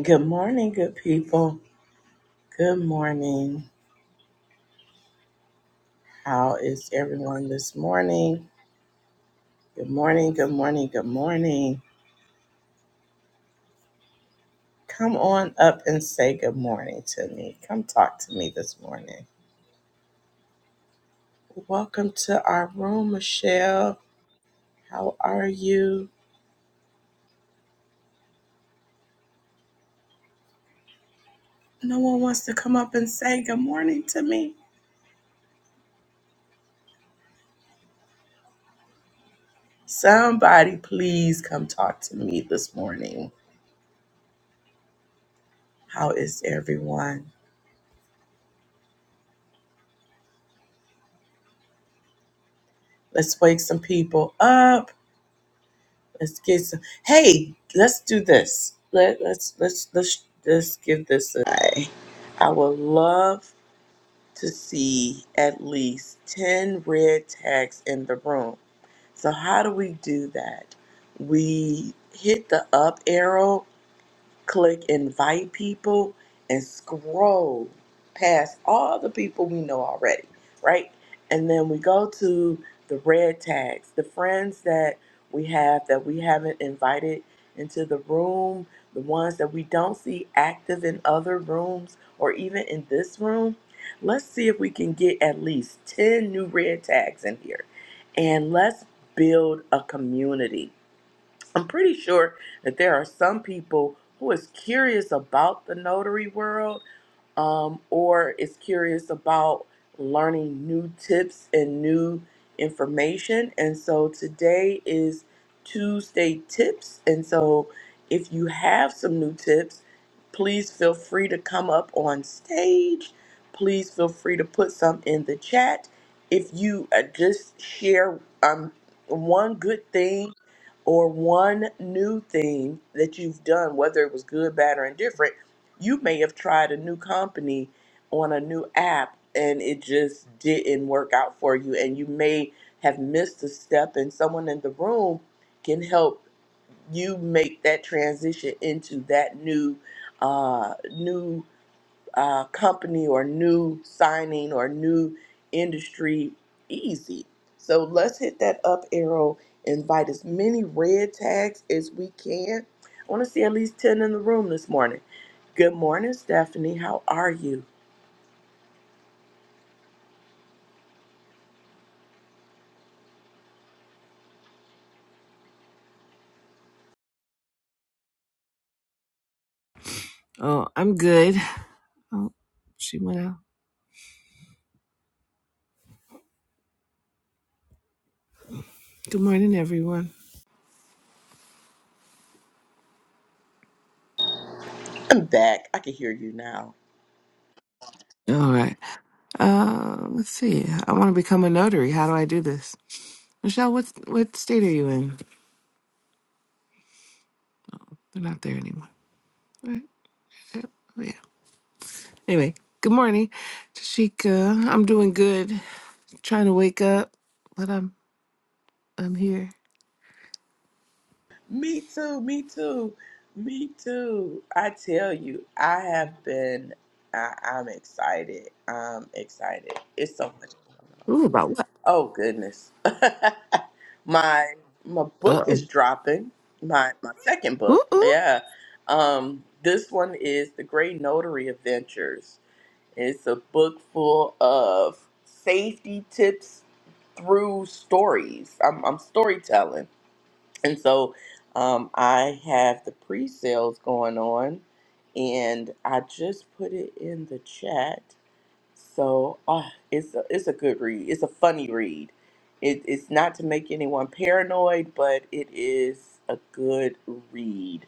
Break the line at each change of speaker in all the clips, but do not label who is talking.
Good morning, good people. Good morning. How is everyone this morning? Good morning, good morning, good morning. Come on up and say good morning to me. Come talk to me this morning. Welcome to our room, Michelle. How are you? No one wants to come up and say good morning to me. Somebody, please come talk to me this morning. How is everyone? Let's wake some people up. Let's get some. Hey, let's do this. Let let's let's let's let's give this a try. I would love to see at least ten red tags in the room. So how do we do that? We hit the up arrow click invite people and scroll past all the people we know already, right? And then we go to the red tags, the friends that we have that we haven't invited into the room, the ones that we don't see active in other rooms or even in this room. Let's see if we can get at least 10 new red tags in here. And let's build a community I'm pretty sure that there are some people who is curious about the notary world um, or is curious about learning new tips and new information. And so today is Tuesday tips. And so if you have some new tips, please feel free to come up on stage. Please feel free to put some in the chat. If you uh, just share um, one good thing or one new thing that you've done, whether it was good, bad, or indifferent you may have tried a new company on a new app and it just didn't work out for you and you may have missed a step and someone in the room can help you make that transition into that new uh new uh, company or new signing or new industry easy. So let's hit that up arrow, invite as many red tags as we can. I want to see at least 10 in the room this morning. Good morning, Stephanie. How are you?
Oh, I'm good. Oh, she went out. Good morning, everyone.
I'm back. I can hear you now.
All right. Uh, let's see. I want to become a notary. How do I do this? Michelle, what what state are you in? They're not there anymore. Right? Yeah. Oh, yeah. Anyway, good morning, Tashika. I'm doing good. Trying to wake up, but I'm I'm here.
Me too, me too, me too. I tell you, I have been, I, I'm excited. I'm excited. It's so much going on.
Ooh, about what?
Oh, goodness. my my
Uh
book
oh.
is dropping my my second
Ooh,
book
ooh.
yeah um this one is the great notary adventures it's a book full of safety tips through stories i'm, I'm storytelling and so um, i have the pre-sales going on and i just put it in the chat so uh, it's a, it's a good read. It's a funny read. It, it's not to make anyone paranoid, but it is a good read.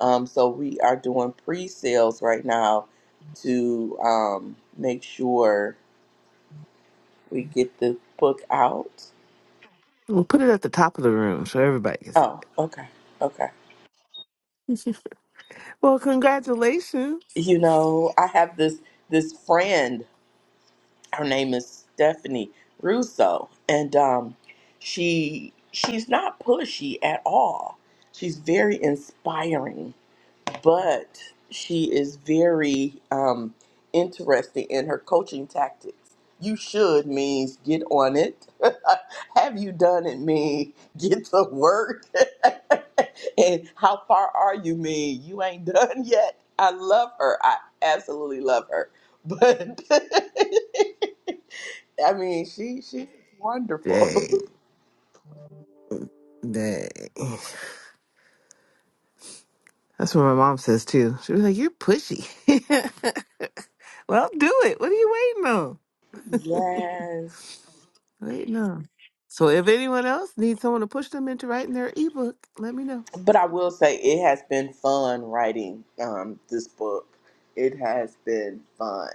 Um, so we are doing pre-sales right now to um, make sure we get the book out.
We'll put it at the top of the room so everybody can see.
Oh, okay, okay.
Well, congratulations.
You know, I have this this friend her name is Stephanie Russo, and um, she she's not pushy at all. She's very inspiring, but she is very um, interesting in her coaching tactics. You should means get on it. Have you done it? Mean get to work. and how far are you? Mean you ain't done yet. I love her. I absolutely love her. But I mean, she she's wonderful.
Dang, dang. That's what my mom says too. She was like, "You're pushy." well, do it. What are you waiting on?
yes,
Waiting on. So, if anyone else needs someone to push them into writing their ebook, let me know.
but I will say it has been fun writing um, this book. It has been fun.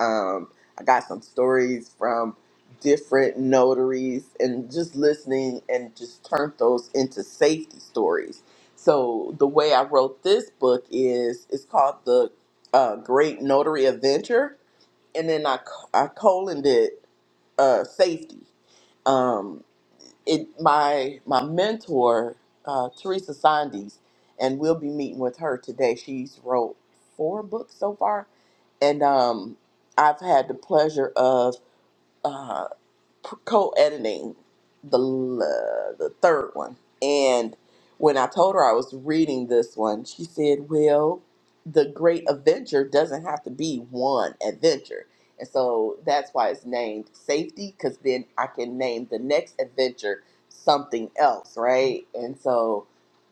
Um, I got some stories from different notaries and just listening and just turned those into safety stories. So the way I wrote this book is it's called the uh, Great Notary Adventure, and then I c- I coloned it uh, safety. Um, it my my mentor uh, Teresa Sandes, and we'll be meeting with her today. She's wrote four books so far, and um, I've had the pleasure of uh, co-editing the l- the third one and when i told her i was reading this one she said well the great adventure doesn't have to be one adventure and so that's why it's named safety because then i can name the next adventure something else right and so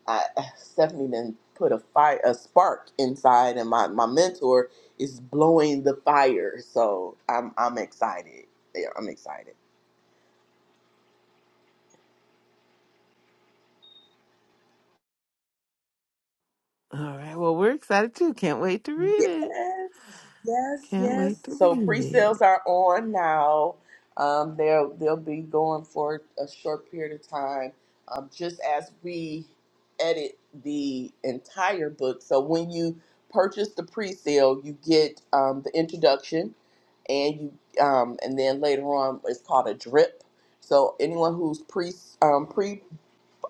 i stephanie then put a fire a spark inside and my, my mentor is blowing the fire so i'm i'm excited yeah i'm excited
All right. Well, we're excited too. Can't wait to read it.
Yes, yes,
Can't wait
yes.
to
So
read it.
pre-sales are on now. Um, they'll they'll be going for a short period of time, um, just as we edit the entire book. So when you purchase the pre-sale, you get um, the introduction, and you um, and then later on it's called a drip. So anyone who's pre um,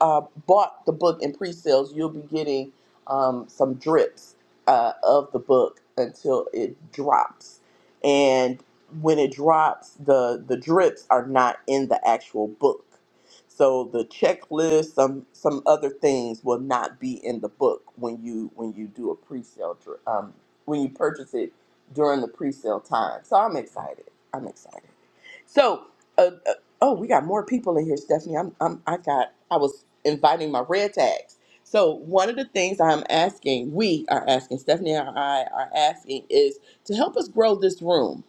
uh, bought the book in pre-sales, you'll be getting um, some drips uh, of the book until it drops. And when it drops, the the drips are not in the actual book. So the checklist, some some other things will not be in the book when you when you do a pre-sale dri- um, when you purchase it during the pre-sale time. So I'm excited. I'm excited. So, uh, uh, oh, we got more people in here, Stephanie. I'm, I'm, I got, I was inviting my red tags. So, one of the things I'm asking, we are asking, Stephanie and I are asking, is to help us grow this room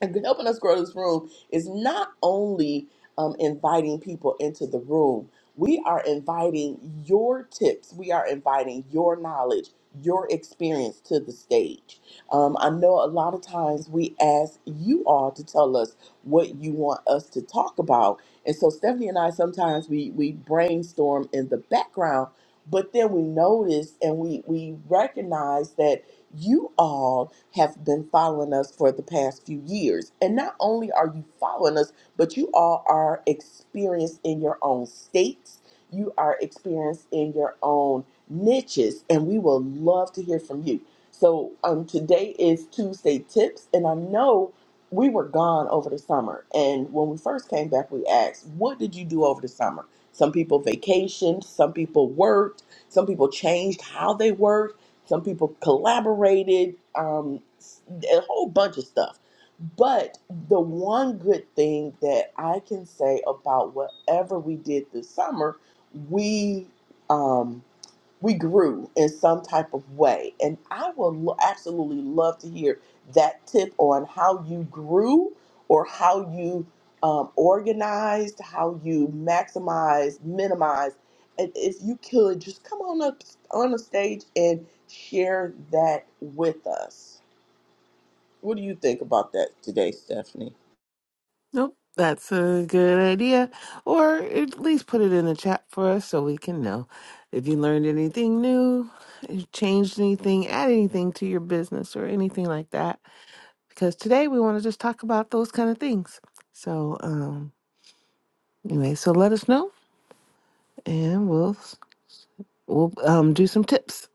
and helping us grow this room is not only um, inviting people into the room, we are inviting your tips, we are inviting your knowledge, your experience to the stage. Um, I know a lot of times we ask you all to tell us what you want us to talk about. And so Stephanie and I sometimes we, we brainstorm in the background, but then we notice and we, we recognize that you all have been following us for the past few years. And not only are you following us, but you all are experienced in your own states, you are experienced in your own niches, and we will love to hear from you. So, um, today is Tuesday Tips, and I know we were gone over the summer. And when we first came back, we asked, What did you do over the summer? Some people vacationed, some people worked, some people changed how they worked some people collaborated, um, s- a whole bunch of stuff. But the one good thing that I can say about whatever we did this summer, we um, we grew in some type of way. And I will lo- absolutely love to hear that tip on how you grew or how you um, organized, how you maximized, minimized. And if you could just come on up on the stage and share that with us. What do you think about that today, Stephanie?
Nope, that's a good idea. Or at least put it in the chat for us so we can know if you learned anything new, if you changed anything, add anything to your business or anything like that because today we want to just talk about those kind of things. So um, anyway, so let us know, and we'll we'll um, do some tips.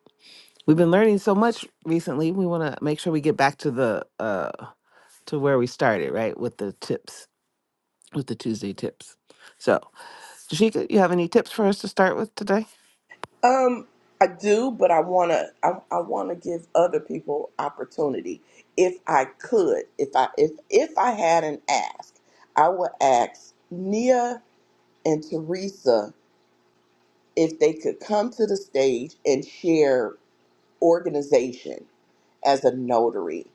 We've been learning so much recently. We want to make sure we get back to the uh, to where we started, right, with the tips, with the Tuesday tips. So, Jashika, you have any tips for us to start with today?
Um, I do, but I wanna I, I wanna give other people opportunity. If I could, if I if if I had an ask, I would ask Nia and Teresa if they could come to the stage and share organization as a notary.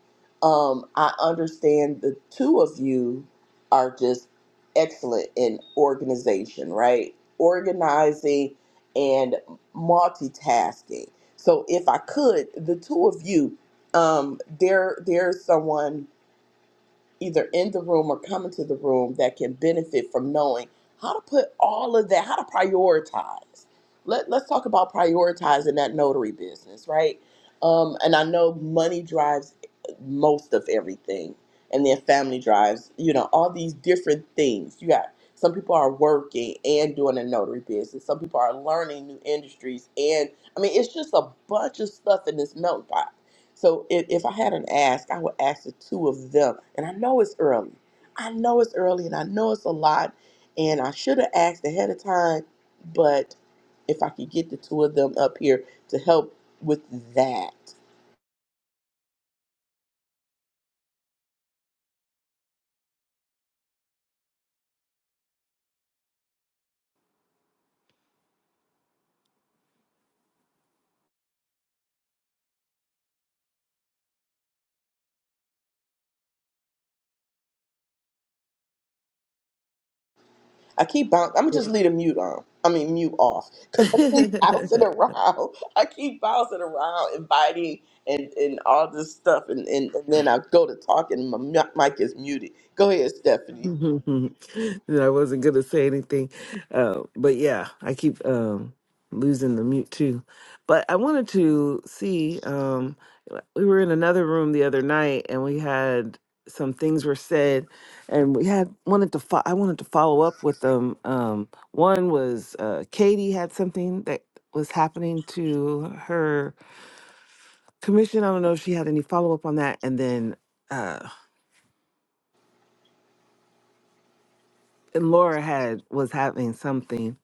Um, I understand the two of you are just excellent in organization, right? Organizing and multitasking. So if I could, the two of you, um, there there's someone either in the room or coming to the room that can benefit from knowing how to put all of that, how to prioritize. Let, let's talk about prioritizing that notary business, right? Um, and I know money drives most of everything, and then family drives, you know, all these different things. You got some people are working and doing a notary business, some people are learning new industries, and I mean, it's just a bunch of stuff in this meltdown so if, if I had an ask, I would ask the two of them. And I know it's early. I know it's early and I know it's a lot. And I should have asked ahead of time, but if I could get the two of them up here to help with that. I keep bouncing. I'm gonna just leave the mute on. I mean mute off. Cause I keep
Yeah.
bouncing around. I keep bouncing around, inviting and, and all this stuff and, and, and then I go to talk and my mu- mic is muted. Go ahead, Stephanie.
and I wasn't gonna say anything, uh, but yeah, I keep um, losing the mute too. But I wanted to see. Um, we were in another room the other night, and we had some things were said, and we had wanted to. Fo- I wanted to follow up with them. Um, one was uh, Katie had something that was happening to her commission. I don't know if she had any follow up on that, and then uh, and Laura had was having something.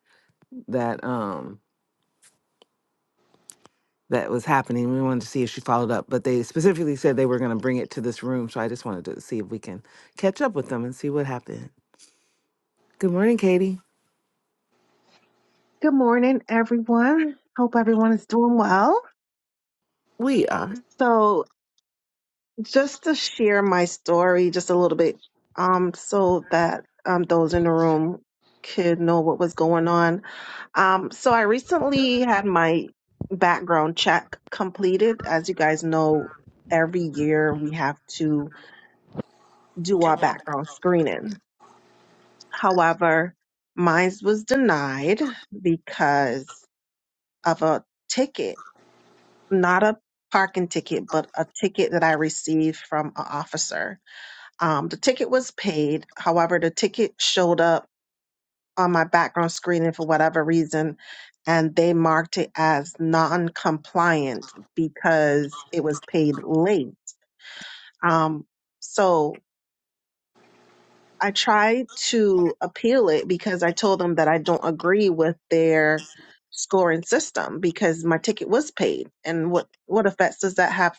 that um that was happening. We wanted to see if she followed up, but they specifically said they were going to bring it to this room. So I just wanted to see if we can catch up with them and see what happened. Good morning, Katie.
Good morning, everyone. Hope everyone is doing well.
We are.
So, just to share my story just a little bit, um, so that um, those in the room could know what was going on. Um, so, I recently had my background check completed. As you guys know, every year we have to do our background screening. However, mine was denied because of a ticket not a parking ticket, but a ticket that I received from an officer. Um, the ticket was paid. However, the ticket showed up on my background screening for whatever reason, and they marked it as non compliant because it was paid late. Um, so I tried to appeal it because I told them that I don't agree with their scoring system because my ticket was paid. And what, what effects does that have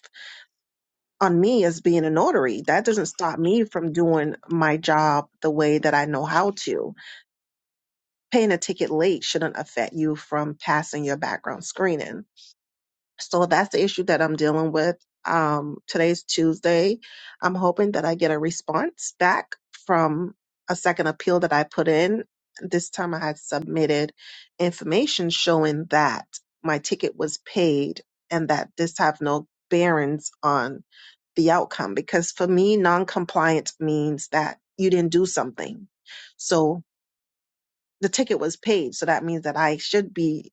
on me as being a notary. That doesn't stop me from doing my job the way that I know how to. Paying a ticket late shouldn't affect you from passing your background screening. So that's the issue that I'm dealing with. Um, today's Tuesday. I'm hoping that I get a response back from a second appeal that I put in. This time I had submitted information showing that my ticket was paid and that this have no bearings on the outcome because for me non-compliance means that you didn't do something so the ticket was paid so that means that i should be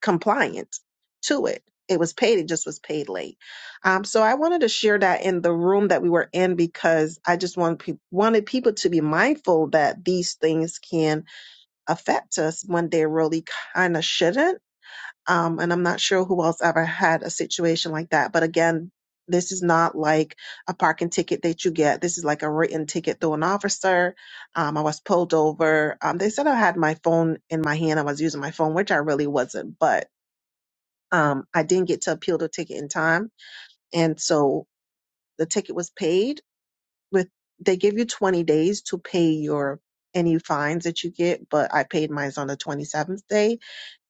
compliant to it it was paid it just was paid late um, so i wanted to share that in the room that we were in because i just want pe- wanted people to be mindful that these things can affect us when they really kind of shouldn't um, and I'm not sure who else ever had a situation like that. But again, this is not like a parking ticket that you get. This is like a written ticket through an officer. Um, I was pulled over. Um, they said I had my phone in my hand. I was using my phone, which I really wasn't, but um, I didn't get to appeal the ticket in time. And so the ticket was paid with, they give you 20 days to pay your any fines that you get, but I paid mine on the 27th day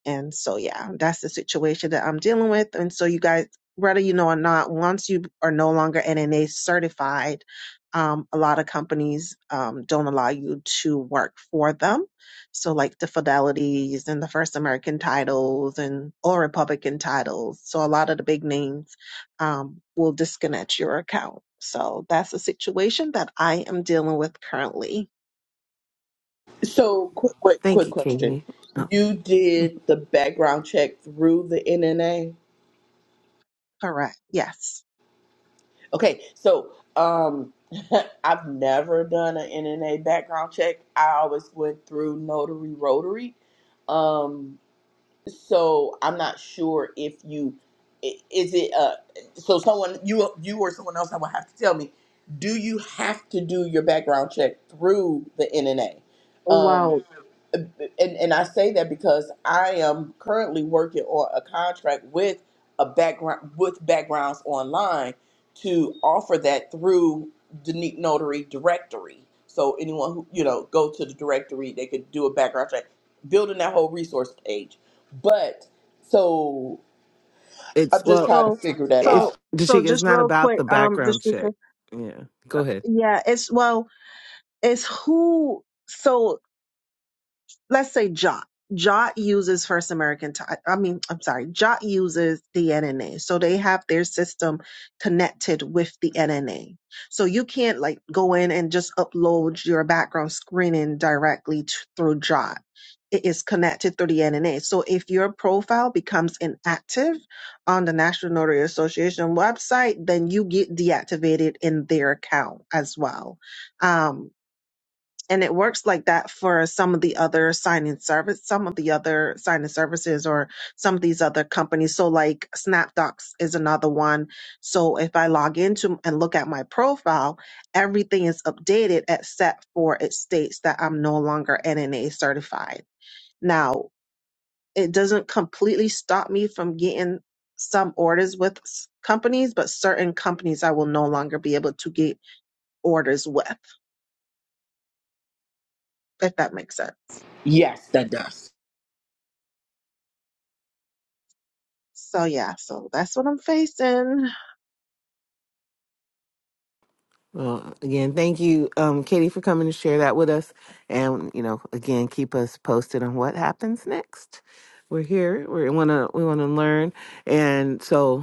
and so, yeah, that's the situation that I'm dealing with. And so, you guys, whether you know or not, once you are no longer NNA certified, um, a lot of companies um, don't allow you to work for them. So, like the Fidelities and the First American titles and all Republican titles. So, a lot of the big names um, will disconnect your account. So, that's the situation that I am dealing with currently.
So, quick, quick,
Thank
quick
you,
question.
Katie. Oh,
You did the background check through the NNA?
Correct. Yes.
Okay, so um, I've never done an NNA background check. I always went through Notary Rotary. Um, so I'm not sure if you i- is it uh so someone you you or someone else I would have to tell me. Do you have to do your background check through the NNA?
Wow.
and and I say that because I am currently working on a contract with a background with backgrounds online to offer that through the Neat Notary directory. So anyone who you know go to the directory, they could do a background check, building that whole resource page. But so
it's
I'm just
well,
trying to
So,
figure that
it's
so,
out.
so
Dashika, it's
just
not
real
about the
quick, um,
background check.
Dashika.
Yeah. Go ahead.
Yeah, it's well, it's who. So let's say Jot. Jot uses First American Time. I mean, I'm sorry, Jot uses the NNA. So they have their system connected with the NNA. So you can't like go in and just upload your background screening directly t- through Jot. It is connected through the NNA. So if your profile becomes inactive on the National Notary Association website, then you get deactivated in their account as well. Um, and it works like that for some of the other signing service some of the other signing services or some of these other companies so like snapdocs is another one so if i log into and look at my profile everything is updated except for it states that i'm no longer nna certified now it doesn't completely stop me from getting some orders with s- companies but certain companies i will no longer be able to get orders with if that makes sense
Yes, that does.
So yeah, so that's what I'm facing.
Well, again, thank you, um, Katie, for coming to share that with us. And, you know, again, keep us posted on what happens next. We're here. We want to we want to learn. And so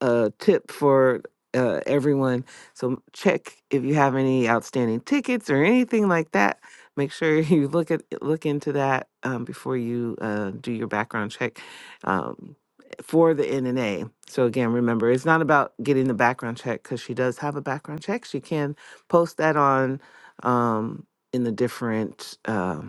a tip for uh, everyone. So check if you have any outstanding tickets or anything like that. Make sure you look at look into that um, before you uh, do your background check um, for the NNA. So again, remember it's not about getting the background check because she does have a background check. She can post that on um, in the different. Um,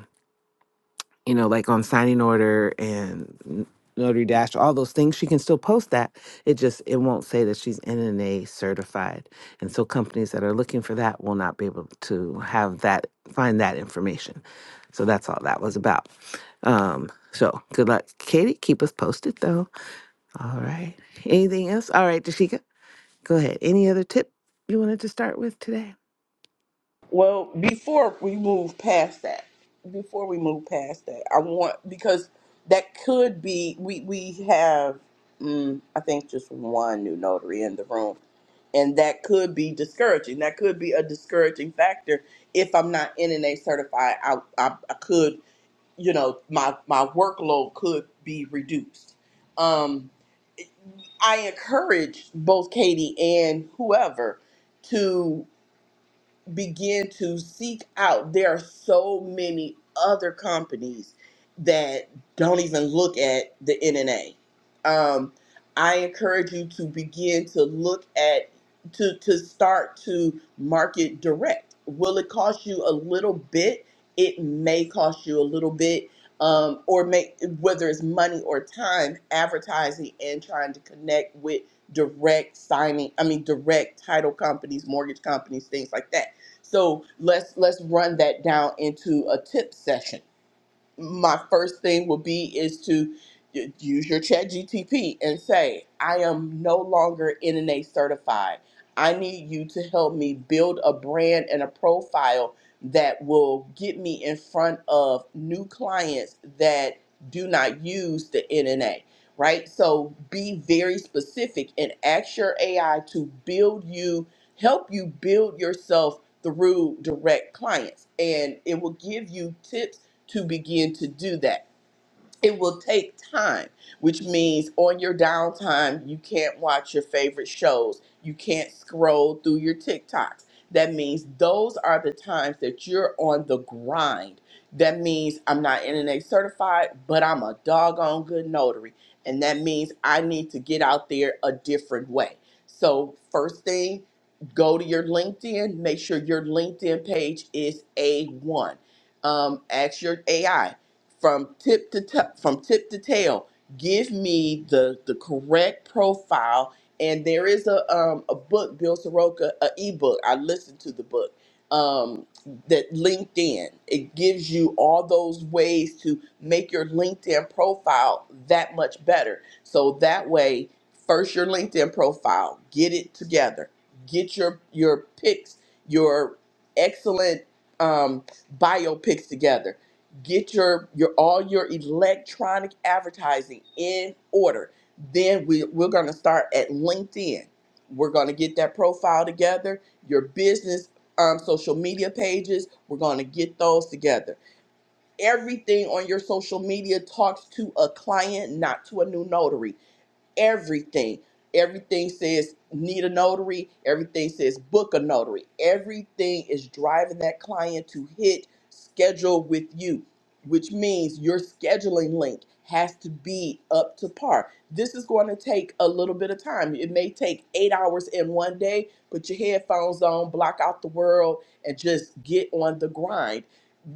you know, like on signing order and n- notary dash, all those things, she can still post that. It just it won't say that she's NNA certified, and so companies that are looking for that will not be able to have that find that information. So that's all that was about. Um, so good luck, Katie. Keep us posted though. All right. Anything else? All right, Dashika, go ahead. Any other tip you wanted to start with today?
Well, before we move past that, before we move past that, I want because that could be we we have mm, I think just one new notary in the room, and that could be discouraging. That could be a discouraging factor if I'm not NNA certified. I I, I could you know my my workload could be reduced. Um, I encourage both Katie and whoever to begin to seek out there are so many other companies that don't even look at the nna um, i encourage you to begin to look at to to start to market direct will it cost you a little bit it may cost you a little bit um, or make whether it's money or time advertising and trying to connect with direct signing i mean direct title companies mortgage companies things like that so let's let's run that down into a tip session my first thing would be is to y- use your chat gtp and say i am no longer nna certified i need you to help me build a brand and a profile that will get me in front of new clients that do not use the nna right so be very specific and ask your ai to build you help you build yourself through direct clients and it will give you tips to begin to do that it will take time, which means on your downtime, you can't watch your favorite shows. You can't scroll through your TikToks. That means those are the times that you're on the grind. That means I'm not NNA certified, but I'm a doggone good notary. And that means I need to get out there a different way. So, first thing, go to your LinkedIn. Make sure your LinkedIn page is A1. Um, ask your AI from tip to t- from tip to tail. Give me the the correct profile. And there is a um, a book, Bill Soroka, a ebook. I listened to the book um, that LinkedIn. It gives you all those ways to make your LinkedIn profile that much better. So that way, first your LinkedIn profile, get it together, get your your pics, your excellent um, bio pics together get your your all your electronic advertising in order then we, we're going to start at linkedin we're going to get that profile together your business um, social media pages we're going to get those together everything on your social media talks to a client not to a new notary everything. Everything says need a notary. Everything says book a notary. Everything is driving that client to hit schedule with you, which means your scheduling link has to be up to par. This is going to take a little bit of time. It may take eight hours in one day. Put your headphones on, block out the world, and just get on the grind.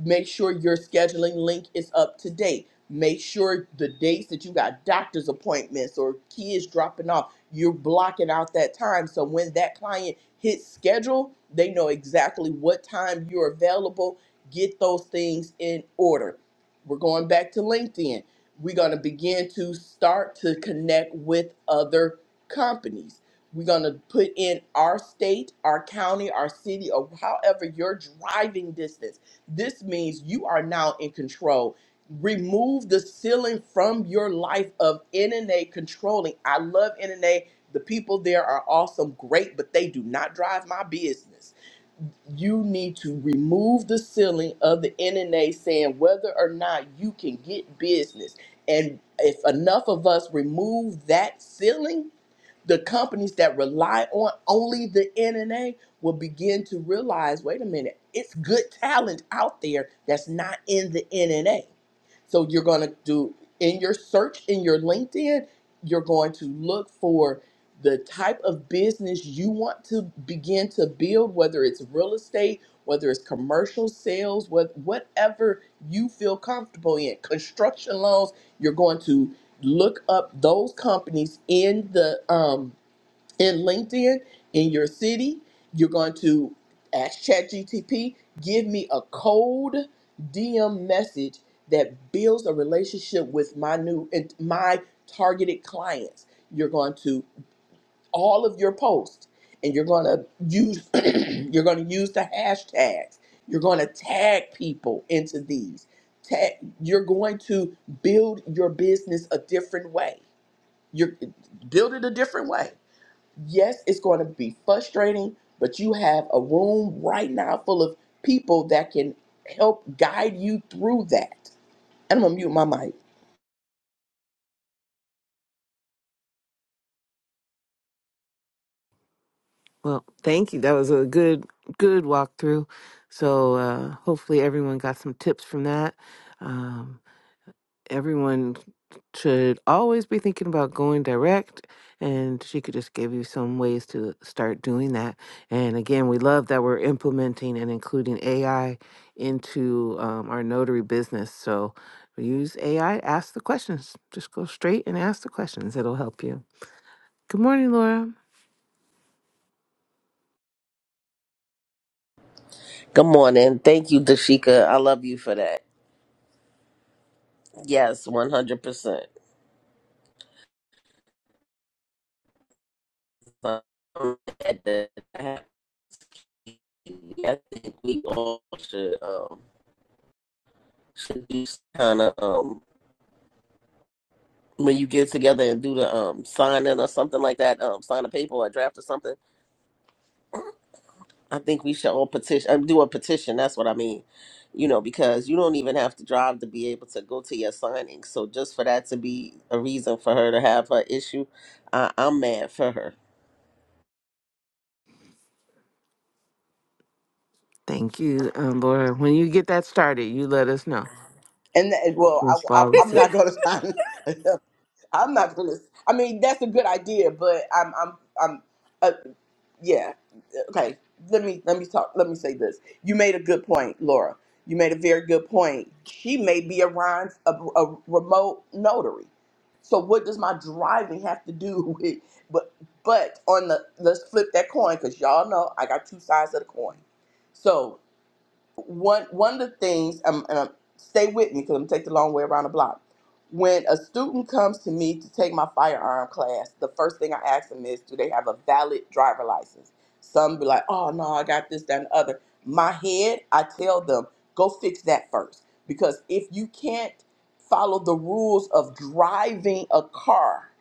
Make sure your scheduling link is up to date Make sure the dates that you got doctor's appointments or kids dropping off, you're blocking out that time. So when that client hits schedule, they know exactly what time you're available. Get those things in order. We're going back to LinkedIn. We're going to begin to start to connect with other companies. We're going to put in our state, our county, our city, or however your driving distance. This means you are now in control remove the ceiling from your life of NNA controlling. I love NNA. The people there are awesome, great, but they do not drive my business. You need to remove the ceiling of the NNA saying whether or not you can get business. And if enough of us remove that ceiling, the companies that rely on only the NNA will begin to realize wait a minute, it's good talent out there that's not in the NNA. So you're going to do in your search in your LinkedIn, you're going to look for the type of business you want to begin to build, whether it's real estate, whether it's commercial sales, what- whatever you feel comfortable in, construction loans, you're going to look up those companies in the um, in LinkedIn in your city. You're going to ask ChatGTP, give me a cold DM message that builds a relationship with my new and my targeted clients. You're going to all of your posts, and you're going to use you're going to use the hashtags. You're going to tag people into these. Tag, you're going to build your business a different way you're build it a different way. Yes, it's going to be frustrating, but you have a room right now full of people that can help guide you through that. And I'm gonna mute my mic.
Well, thank you. That was a good, good walkthrough. So uh, hopefully everyone got some tips from that. Um, everyone should always be thinking about going direct, and she could just give you some ways to start doing that. And again, we love that we're implementing and including AI into um, our notary business. So use AI, ask the questions. Just go straight and ask the questions. It'll help you. Good morning, Laura.
Good morning. Thank you, Dashika. I love you for that. Yes, one hundred percent. I think we all should um should do kind of um when you get together and do the um signing or something like that, um sign a paper or a draft or something. I think we should all petition um, do a petition. That's what I mean. You know, because you don't even have to drive to be able to go to your signing. So just for that to be a reason for her to have her issue, I, I'm mad for her.
Thank you, um, Laura. When you get that started, you let us know.
And that, well,
We'll
I, I,
follow
I'm
suit.
not gonna. I'm I'm not gonna. I mean, that's a good idea, but I'm. I'm. I'm. Uh, yeah. okay let me let me talk let me say this you made a good point laura you made a very good point she may be a rhyme a, a remote notary so what does my driving have to do with but but on the let's flip that coin because y'all know i got two sides of the coin so one one of the things um, and um, stay with me because I'm gonna take the long way around the block. When a student comes to me to take my firearm class, the first thing I ask them is, do they have a valid driver license? Some be like, oh no, I got this, that, and the other. My head, I tell them, go fix that first. Because if you can't follow the rules of driving a car,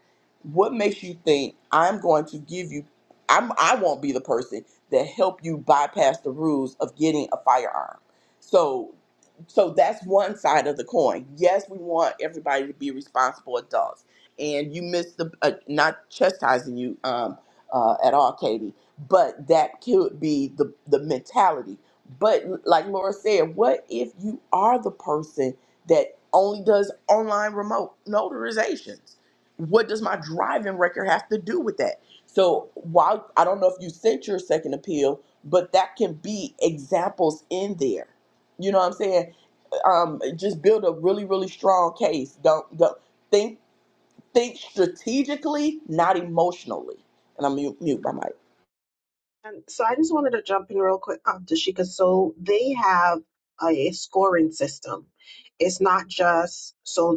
what makes you think I'm going to give you I'm I won't be the person that help you bypass the rules of getting a firearm. So so that's one side of the coin. Yes, we want everybody to be responsible adults, and you miss the uh, not chastising you um, uh, at all, Katie, but that could be the the mentality. But like Laura said, what if you are the person that only does online remote notarizations? What does my driving record have to do with that? So while I don't know if you sent your second appeal, but that can be examples in there. You know what I'm saying? Um, just build a really, really strong case. Don't don't think think strategically, not emotionally. And I'm mute, mute my mic.
And so I just wanted to jump in real quick, um, Dashika. So they have a scoring system. It's not just so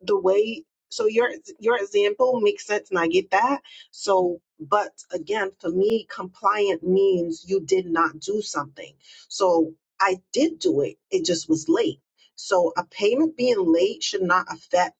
the way so your your example makes sense and I get that. So but again for me compliant means you did not do something. So I did do it. It just was late. So a payment being late should not affect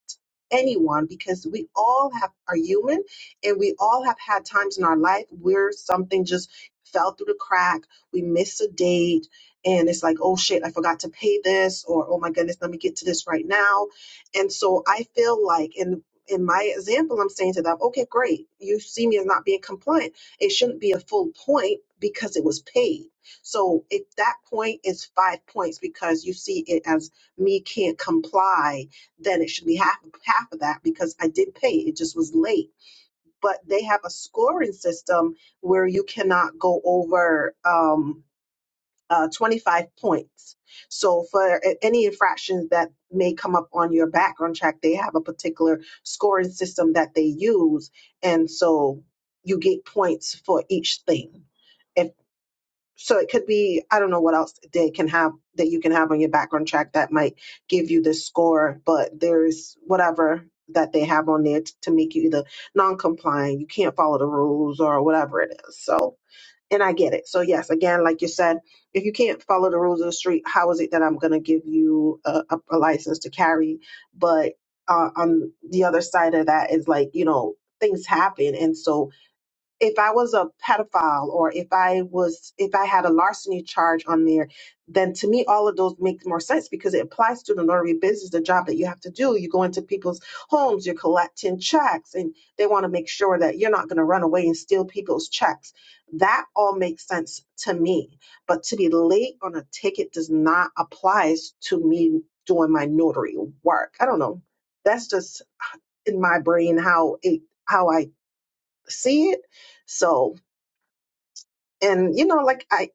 anyone because we all have are human and we all have had times in our life where something just fell through the crack, we missed a date and it's like, oh shit, I forgot to pay this or oh my goodness, let me get to this right now and so I feel like in in my example, I'm saying to them, okay, great. You see me as not being compliant. It shouldn't be a full point because it was paid. So if that point is five points because you see it as me can't comply, then it should be half half of that because I did pay. It just was late. But they have a scoring system where you cannot go over. Um, uh, 25 points. So for a- any infractions that may come up on your background check, they have a particular scoring system that they use, and so you get points for each thing. If so, it could be I don't know what else they can have that you can have on your background check that might give you the score, but there's whatever that they have on there t- to make you either non-compliant, you can't follow the rules, or whatever it is. So and I get it. So, yes, again, like you said, if you can't follow the rules of the street, how is it that I'm going to give you a, a, a license to carry? But uh, on the other side of that is like, you know, things happen. And so if I was a pedophile or if I was if I had a larceny charge on there, then to me all of those make more sense because it applies to the notary business, the job that you have to do. You go into people's homes, you're collecting checks, and they want to make sure that you're not going to run away and steal people's checks. That all makes sense to me. But to be late on a ticket does not apply to me doing my notary work. I don't know. That's just in my brain how it how I see it. So and you know like i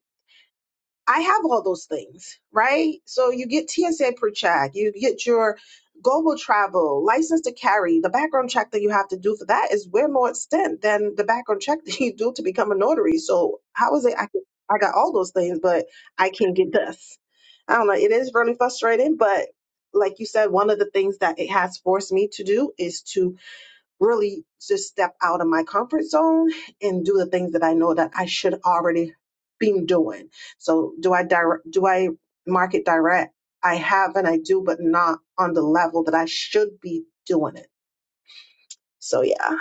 i have all those things right so you get tsa per check you get your global travel license to carry the background check that you have to do for that is way more extent than the background check that you do to become a notary so how is it i can, i got all those things but i can't get this i don't know it is really frustrating but like you said one of the things that it has forced me to do is to really just step out of my comfort zone and do the things that I know that I should already been doing. So do I direct, do I market direct? I have and I do, but not on the level that I should be doing it. So yeah.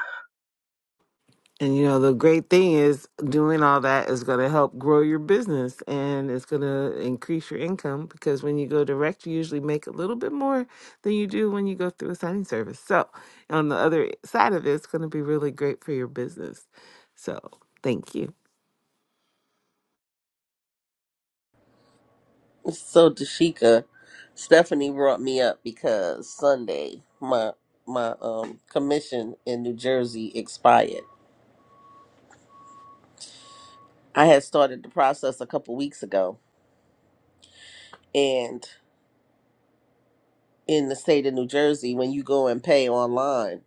And you know, the great thing is doing all that is going to help grow your business and it's going to increase your income because when you go direct, you usually make a little bit more than you do when you go through a signing service. So, on the other side of it, it's going to be really great for your business. So, thank you.
So Dashika, Stephanie brought me up because Sunday my my um commission in New Jersey expired. I had started the process a couple weeks ago and in the state of New Jersey when you go and pay online,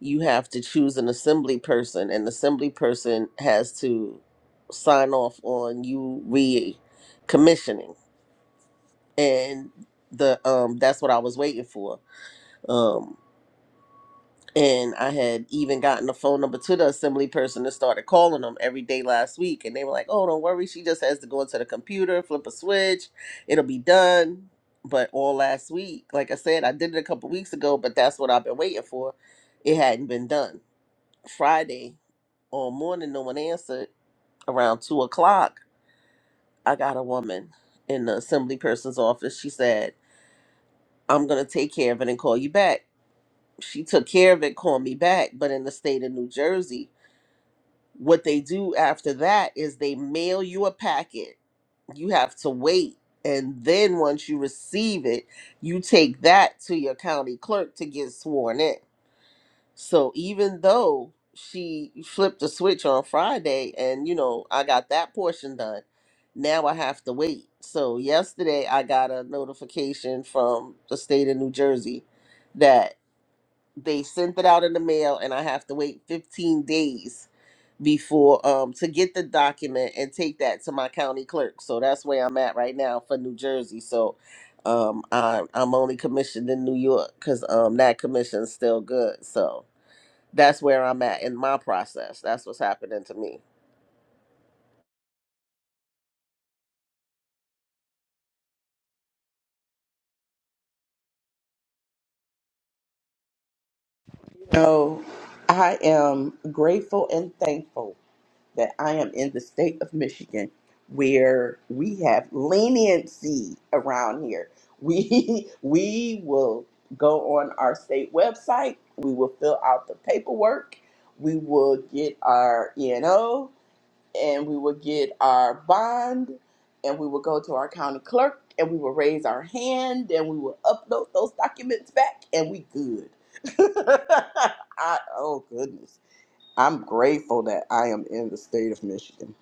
you have to choose an assembly person and the assembly person has to sign off on you re commissioning. And the um that's what I was waiting for. Um, And I had even gotten the phone number to the assembly person and started calling them every day last week. And they were like, oh, don't worry. She just has to go into the computer, flip a switch, it'll be done. But all last week, like I said, I did it a couple weeks ago, but that's what I've been waiting for. It hadn't been done. Friday all morning, no one answered. Around two o'clock, I got a woman in the assembly person's office. She said, I'm going to take care of it and call you back. She took care of it, called me back, but in the state of New Jersey, what they do after that is they mail you a packet. You have to wait. And then once you receive it, you take that to your county clerk to get sworn in. So even though she flipped the switch on Friday and, you know, I got that portion done, now I have to wait. So yesterday I got a notification from the state of New Jersey that they sent it out in the mail and I have to wait 15 days before um to get the document and take that to my county clerk. So that's where I'm at right now for New Jersey. So um I'm I'm only commissioned in New York because um that commission's still good. So that's where I'm at in my process. That's what's happening to me.
Oh, I am grateful and thankful that I am in the state of Michigan where we have leniency around here. We we will go on our state website, we will fill out the paperwork, we will get our ENO and O, and we will get our bond and we will go to our county clerk and we will raise our hand and we will upload those documents back and we good. I, oh goodness I'm grateful that I am in the state of Michigan.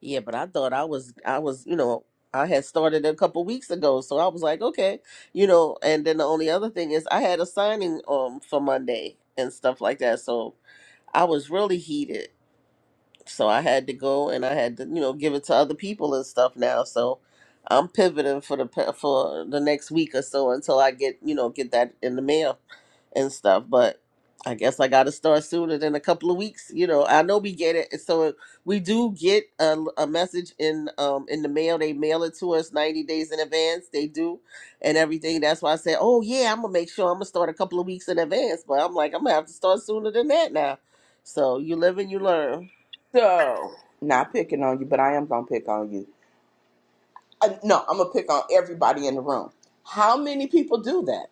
Yeah, but I thought I was I was, you know, I had started a couple weeks ago. So I was like, okay, you know, and then the only other thing is I had a signing um for Monday and stuff like that. So I was really heated so I had to go and I had to you know give it to other people and stuff now. So I'm pivoting for the pe- for the next week or so until I get you know get that in the mail and stuff. But I guess I got to start sooner than a couple of weeks. You know I know we get it, so we do get a, a message in um in the mail. They mail it to us 90 days in advance. They do and everything. That's why I said, oh yeah, I'm gonna make sure I'm gonna start a couple of weeks in advance. But I'm like I'm gonna have to start sooner than that now. So you live and you learn.
So, not picking on you, but I am going to pick on you. Uh, no, I'm going to pick on everybody in the room. How many people do that?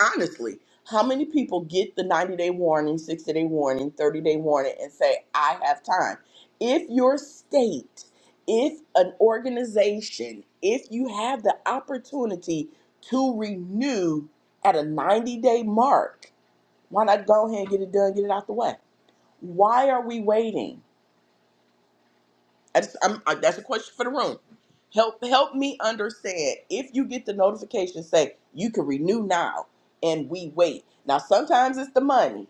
Honestly, how many people get the 90 day warning, 60 day warning, 30 day warning, and say, I have time? If your state, if an organization, if you have the opportunity to renew at a 90 day mark, why not go ahead and get it done, get it out the way? Why are we waiting? I just, I'm, I, that's a question for the room. Help help me understand. If you get the notification say you can renew now, and we wait. Now sometimes it's the money,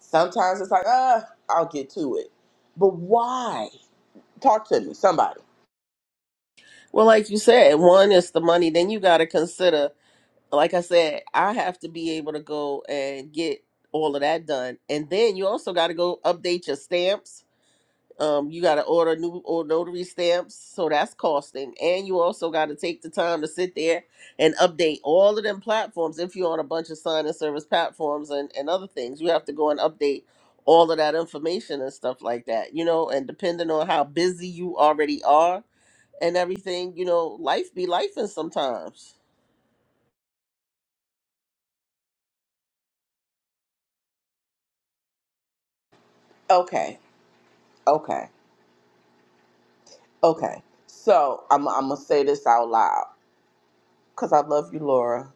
sometimes it's like uh I'll get to it. But why? Talk to me, somebody.
Well, like you said, one is the money. Then you got to consider, like I said, I have to be able to go and get all of that done. And then you also got to go update your stamps. Um, you got to order new or notary stamps. So that's costing. And you also got to take the time to sit there and update all of them platforms. If you're on a bunch of sign and service platforms and, and other things, you have to go and update all of that information and stuff like that, you know, and depending on how busy you already are and everything, you know, life be life and sometimes.
Okay, okay, okay. So I'm I'm gonna say this out loud because I love you, Laura,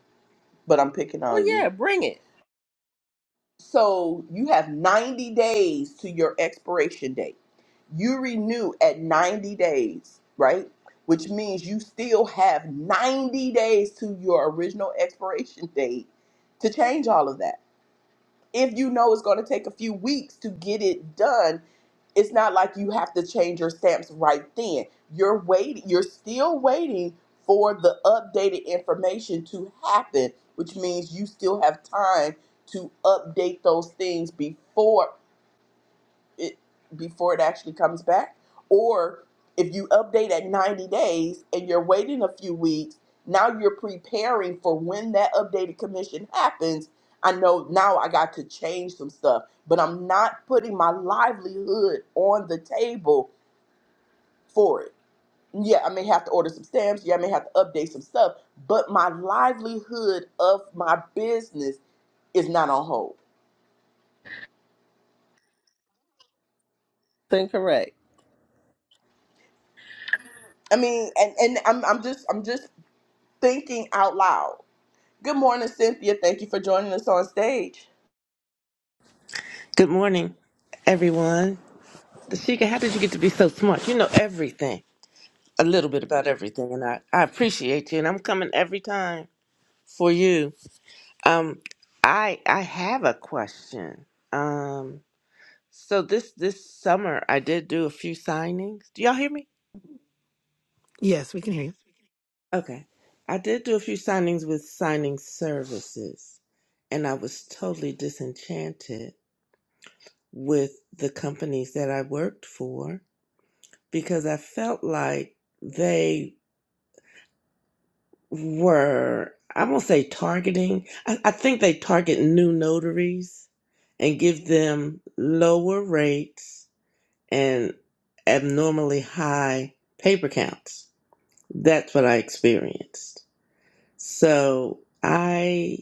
but I'm picking on
Oh
you
yeah, bring it.
So you have 90 days to your expiration date. You renew at 90 days, right? Which means you still have 90 days to your original expiration date to change all of that. If you know it's going to take a few weeks to get it done it's not like you have to change your stamps right then. You're waiting, you're still waiting for the updated information to happen, which means you still have time to update those things before it before it actually comes back or if you update at 90 days and you're waiting a few weeks now you're preparing for when that updated commission happens i know now i got to change some stuff but i'm not putting my livelihood on the table for it yeah i may have to order some stamps yeah i may have to update some stuff but my livelihood of my business is not on hold
Incorrect.
i mean and and i'm, I'm just i'm just thinking out loud Good morning, Cynthia. Thank you for joining us on stage.
Good morning, everyone. Sheikha, how did you get to be so smart? You know everything, a little bit about everything, and I, I appreciate you. And I'm coming every time for you. Um, I I have a question. Um, so this this summer I did do a few signings. Do y'all hear me?
Yes, we can hear you.
Okay, I did do a few signings with signing services, and I was totally disenchanted with the companies that I worked for because I felt like they were, I won't say targeting, I, I think they target new notaries and give them lower rates and abnormally high paper counts. That's what I experienced. So I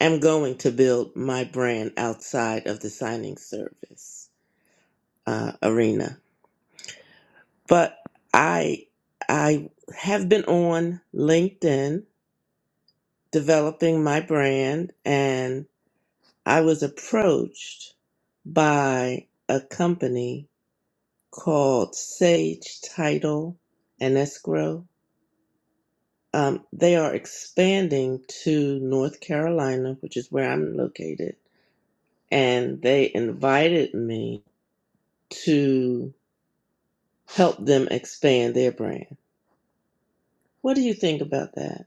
am going to build my brand outside of the signing service uh, arena. But I I have been on LinkedIn developing my brand and I was approached by a company called Sage Title and Escrow. Um, they are expanding to North Carolina, which is where I'm located, and they invited me to help them expand their brand. What do you think about that?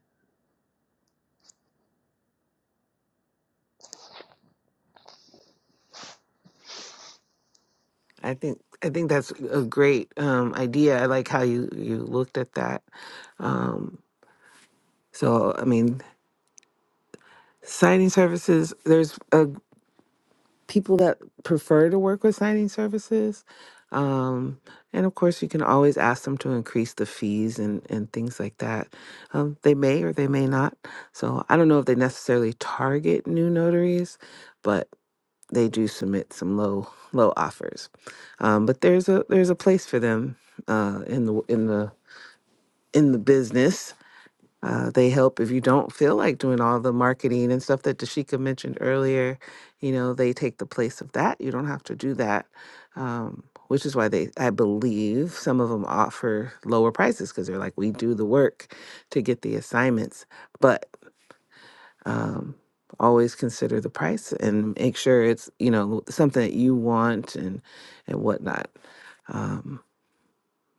I think I think that's a great um, idea. I like how you you looked at that. Um, so, I mean, Signing services, there's uh, people that prefer to work with signing services. Um, and of course, you can always ask them to increase the fees and, and things like that. Um, they may or they may not. So I don't know if they necessarily target new notaries, but they do submit some low low offers. Um, but there's a there's a place for them uh, in the in the in the business. Uh, they help if you don't feel like doing all the marketing and stuff that Dashika mentioned earlier. You know, they take the place of that. You don't have to do that, um, which is why they, I believe, some of them offer lower prices because they're like, we do the work to get the assignments, but um, always consider the price and make sure it's you know something that you want and and whatnot. Um,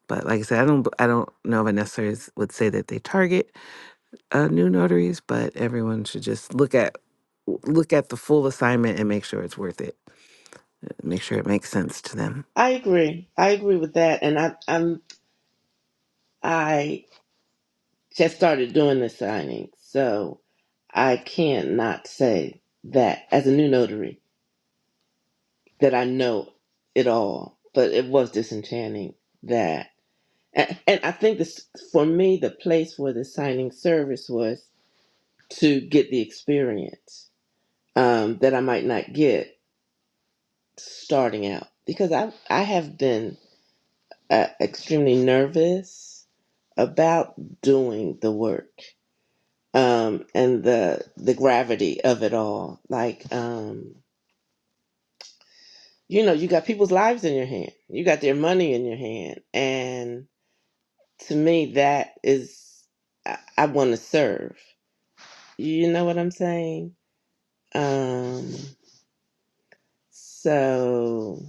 but like I said, I don't, I don't know if I necessarily s- would say that they target uh, new notaries, but everyone should just look at look at the full assignment and make sure it's worth it. Make sure it makes sense to them.
I agree. I agree with that, and I I'm, I just started doing the signing, so I can't not say that as a new notary that I know it all. But it was disenchanting that, and, and I think this for me the place for the signing service was to get the experience um, that I might not get starting out because I I have been uh, extremely nervous about doing the work um and the the gravity of it all like um you know you got people's lives in your hand you got their money in your hand and to me that is i, I want to serve you know what i'm saying um so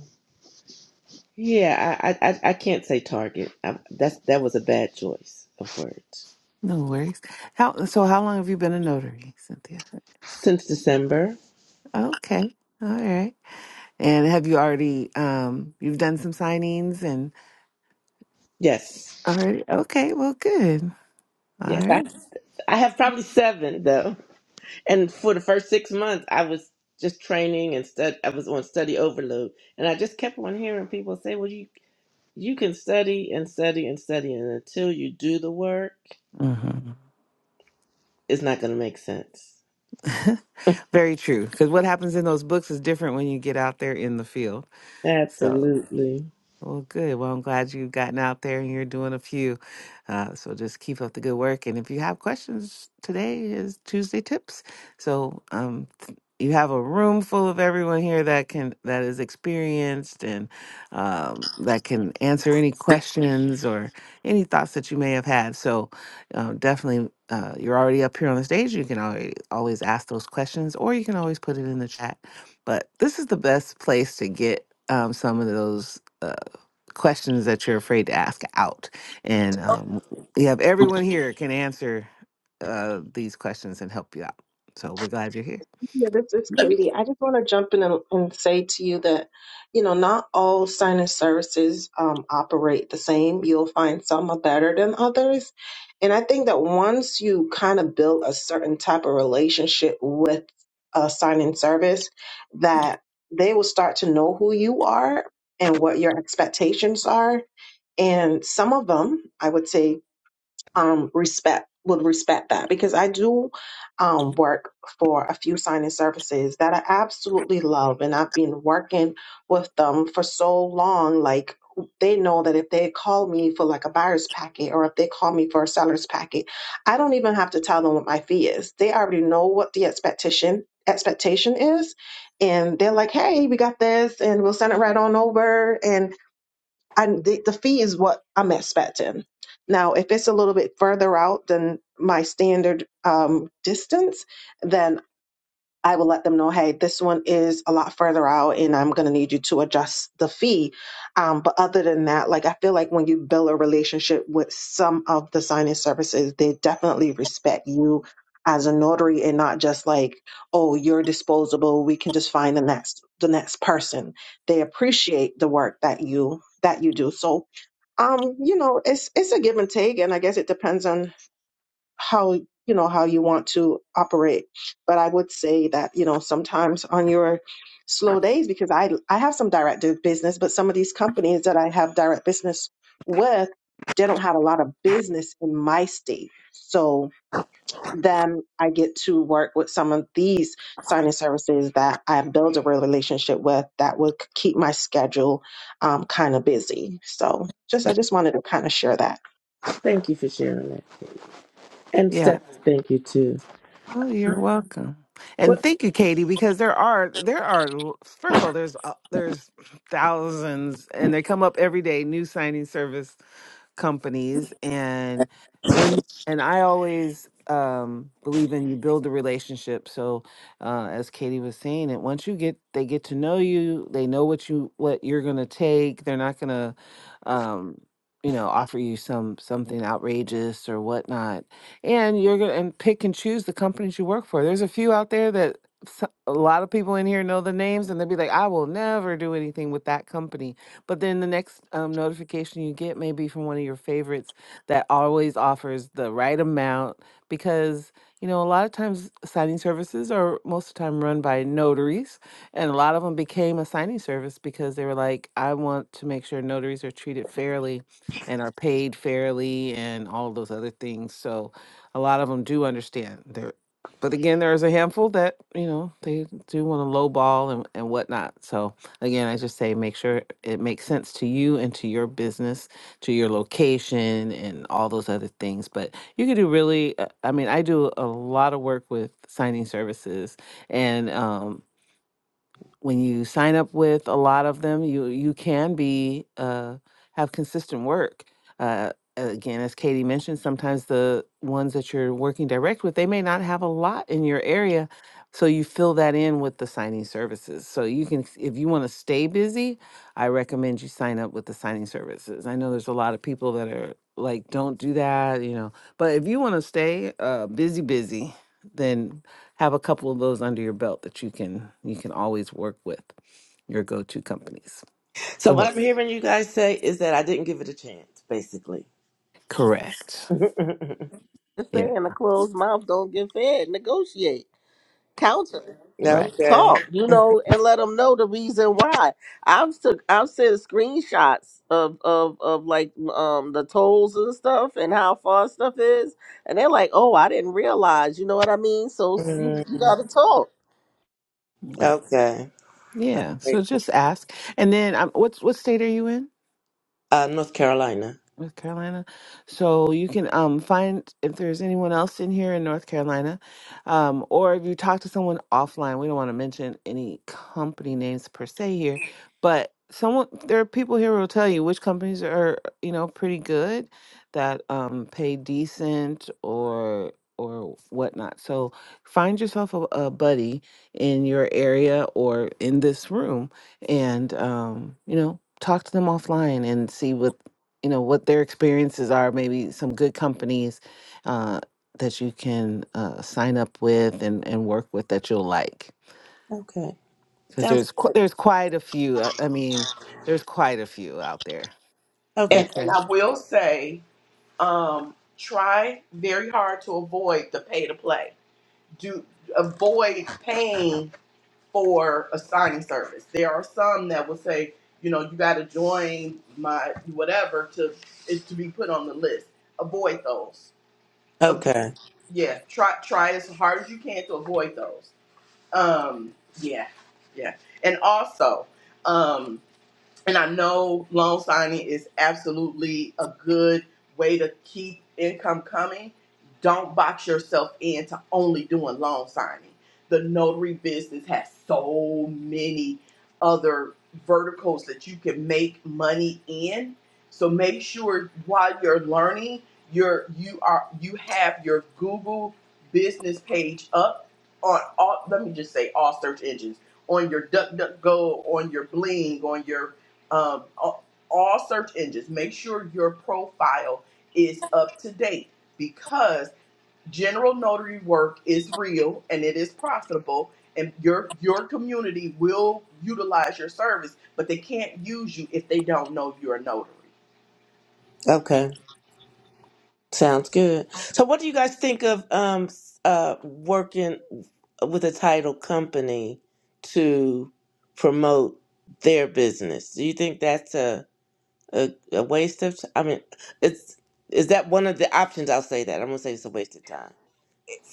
yeah i i, I I can't say target I, that's that was a bad choice of words
No worries. How so? How long have you been a notary, Cynthia?
since december
Okay, all right. And have you already um you've done some signings and
yes
already. Okay, well, good. All
yes i,
right.
I have probably seven though And for the first six months, I was just training and stud. I was on study overload, and I just kept on hearing people say, "Well, you you can study and study and study, and until you do the work,
hmm
it's not going to make sense."
Very true. Because what happens in those books is different when you get out there in the field. So.
Absolutely.
Well, good. Well, I'm glad you've gotten out there and you're doing a few. Uh, so just keep up the good work. And if you have questions, today is Tuesday Tips. So um, th- you have a room full of everyone here that can that is experienced and um, that can answer any questions or any thoughts that you may have had. So um, definitely, uh, you're already up here on the stage. You can already, always ask those questions, or you can always put it in the chat. But this is the best place to get um, some of those. uh, questions that you're afraid to ask out. And um, we have everyone here can answer uh, these questions and help you out. So we're glad you're here.
Yeah, this is
Let me
Katie. I just want to jump in and, and say to you that, you know, not all signing services um, operate the same. You'll find some are better than others. And I think that once you kind of build a certain type of relationship with a signing service, that they will start to know who you are and what your expectations are. And some of them, I would say um respect would respect that because I do um work for a few signing services that I absolutely love and I've been working with them for so long like they know that if they call me for like a buyer's packet or if they call me for a seller's packet, I don't even have to tell them what my fee is. They already know what the expectation expectation is and they're like, "Hey, we got this and we'll send it right on over." And and the, the fee is what I'm expecting. Now, if it's a little bit further out than my standard um, distance, then I will let them know, hey, this one is a lot further out and I'm going to need you to adjust the fee. Um, but other than that, like I feel like when you build a relationship with some of the signing services, they definitely respect you as a notary and not just like, oh, you're disposable. We can just find the next, the next person. They appreciate the work that you, that you do. So, um, you know, it's, it's a give and take. And I guess it depends on how you know how you want to operate but i would say that you know sometimes on your slow days because i i have some direct do- business but some of these companies that i have direct business with they don't have a lot of business in my state so then I get to work with some of these signing services that I build a real relationship with that would keep my schedule um, kind of busy. So just I just wanted to kind of share that.
thank you for sharing that, and
Yeah.
Stephanie, thank you too.
Oh, you're welcome. And
What,
thank you, Katie, because there are there are l- first of all there's uh, there's thousands and they come up every day new signing service companies and when and I always um believe in you build a relationship. So uh as Katie was saying it once you get they get to know you, they know what you what you're gonna take. They're not gonna um you know offer you some something outrageous or whatnot. And you're gonna and pick and choose the companies you work for. There's a few out there that so- a lot of people in here know the names and they'll be like, I will never do anything with that company but then the next um, notification you get may be from one of your favorites that always offers the right amount because, you know, a lot of times signing services are most of the time run by notaries. And a lot of them became a signing service because they were like, I want to make sure notaries are treated fairly and are paid fairly and all those other things. So a lot of them do understand their but again, there is a handful that you know they do want to lowball and and whatnot. So Again, I just say make sure it makes sense to you and to your business, to your location, and all those other things. But you can do really, uh, I mean, I do a lot of work with signing services, and um, when you sign up with a lot of them, you you can be uh, have consistent work. Uh, again, as Katie mentioned, sometimes the ones that you're working direct with, they may not have a lot in your area, so you fill that in with the signing services. So you can, if you want to stay busy, I recommend you sign up with the signing services. I know there's a lot of people that are like, don't do that, you know. But if you want to stay uh, busy, busy, then have a couple of those under your belt that you can you can always work with your go-to companies. Go
so what
ahead.
I'm hearing you guys say is that I didn't give it a chance, basically.
Correct.
Just
Yeah.
saying a closed mouth don't get fed. Negotiate. Counter.
Right.
okay.
Talk, you know, and let them know the reason why. I've took I've sent screenshots of of of like um the tolls and stuff and how far stuff is, and they're like, "Oh, I didn't realize." You know what I mean? So you you
Mm,
gotta talk.
Right.
okay.
Yeah. So just ask, and then um, what's what state are you in?
Uh, North Carolina.
North Carolina. So you can um find if there's anyone else in here in North Carolina, um, or if you talk to someone offline. We don't want to mention any company names per se here, but someone there are people here who will tell you which companies are you know pretty good that um pay decent or or whatnot. So find yourself a, a buddy in your area or in this room and um you know talk to them offline and see what you know what their experiences are maybe some good companies uh, that you can uh, sign up with and, and work with that you'll like
Okay.
because
Sounds
there's qu-
good.
there's quite a few uh, i mean there's quite a few out there
Okay.
And, and
okay
I will say, um, try very hard to avoid the pay to play. Do avoid paying for a signing service. There are some that will say, you know, you got to join my whatever to is to be put on the list. Avoid those. Av-
Okay.
yeah, try try as hard as you can to avoid those. Um, yeah, yeah. And also, um, and I know loan signing is absolutely a good way to keep income coming. Don't box yourself into only doing loan signing. The notary business has so many other verticals that you can make money in. So make sure while you're learning, you're you are you have your Google business page up on all let me just say all search engines on your DuckDuckGo, on your Bling, on your um, all, search engines. Make sure your profile is up to date because general notary work is real and it is profitable, and your your community will utilize your service, but they can't use you if they don't know you're a notary.
Okay. Sounds good. So what do you guys think of um uh working with a title company to promote their business? Do you think that's a a, a waste of t- I mean, it's is that one of the options? I'll say that. I'm gonna say it's a waste of time.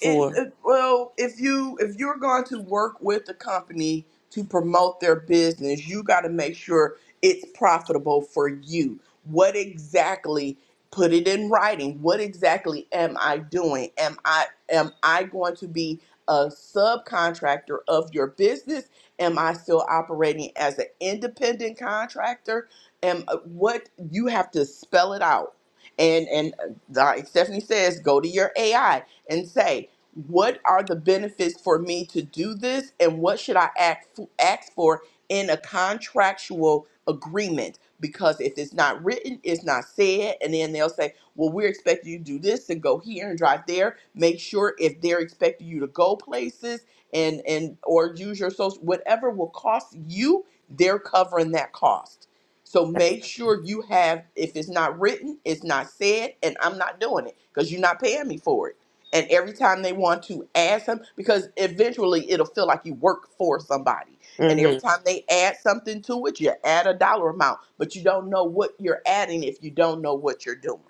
it, it well if you if you're going to work with the company to promote their business you got to make sure it's profitable for you what exactly put it in writing what exactly am i doing am i am i going to be a subcontractor of your business am i still operating as an independent contractor and what you have to spell it out and and uh, like stephanie says go to your ai and say, what are the benefits for me to do this and what should I act, ask for in a contractual agreement? Because if it's not written, it's not said. And then they'll say, well, we're expecting you to do this and go here and drive there. Make sure if they're expecting you to go places and, and or use your social, whatever will cost you, they're covering that cost so make sure you have, if it's not written, it's not said, and I'm not doing it because you're not paying me for it. And every time they want to add some, because eventually it'll feel like you work for somebody. And every
Mm-hmm.
time they add something to it, you add a dollar amount, but you don't know what you're adding if you don't know what you're doing.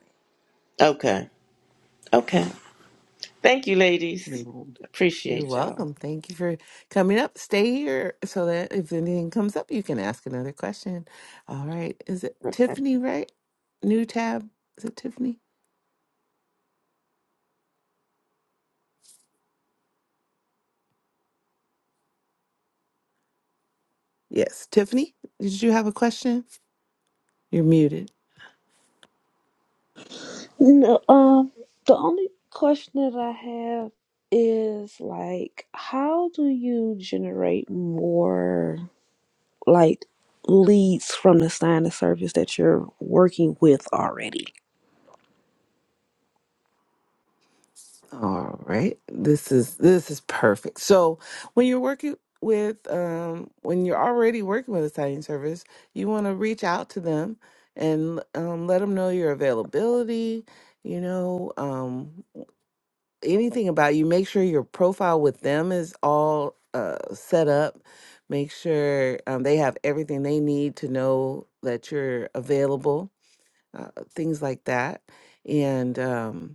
Okay. Okay. Thank you,
you're,
ladies.
wel- you're
Appreciate y'all.
welcome thank you for coming up stay here so that if anything comes up you can ask another question all right is it tiffany right new tab is it tiffany yes tiffany did you have a question you're muted
No, um, the only question that I have is like, how do you generate more like leads from the sign of service that you're working with already?
All right. This is this is perfect. So when you're working with um when you're already working with a signing service, you want to reach out to them and um, let them know your availability, you know, um anything about you. Make sure your profile with them is all uh set up. Make sure um, they have everything they need to know that you're available, uh, things like that. And um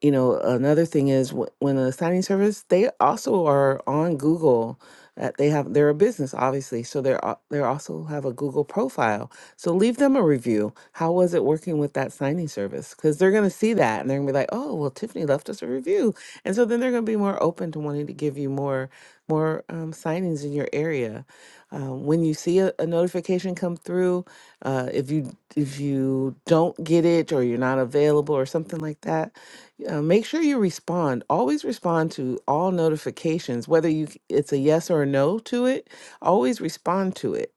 you know another thing is wh- when a signing service they also are on google uh, they have they're a business obviously so they're al- they also have a google profile so leave them a review how was it working with that signing service because they're going to see that and they're going to be like oh well tiffany left us a review and so then they're going to be more open to wanting to give you more more um, signings in your area um, when you see a, a notification come through uh, if you if you don't get it or you're not available or something like that uh, make sure you respond. Always respond to all notifications, whether you c- it's a yes or a no to it. Always respond to it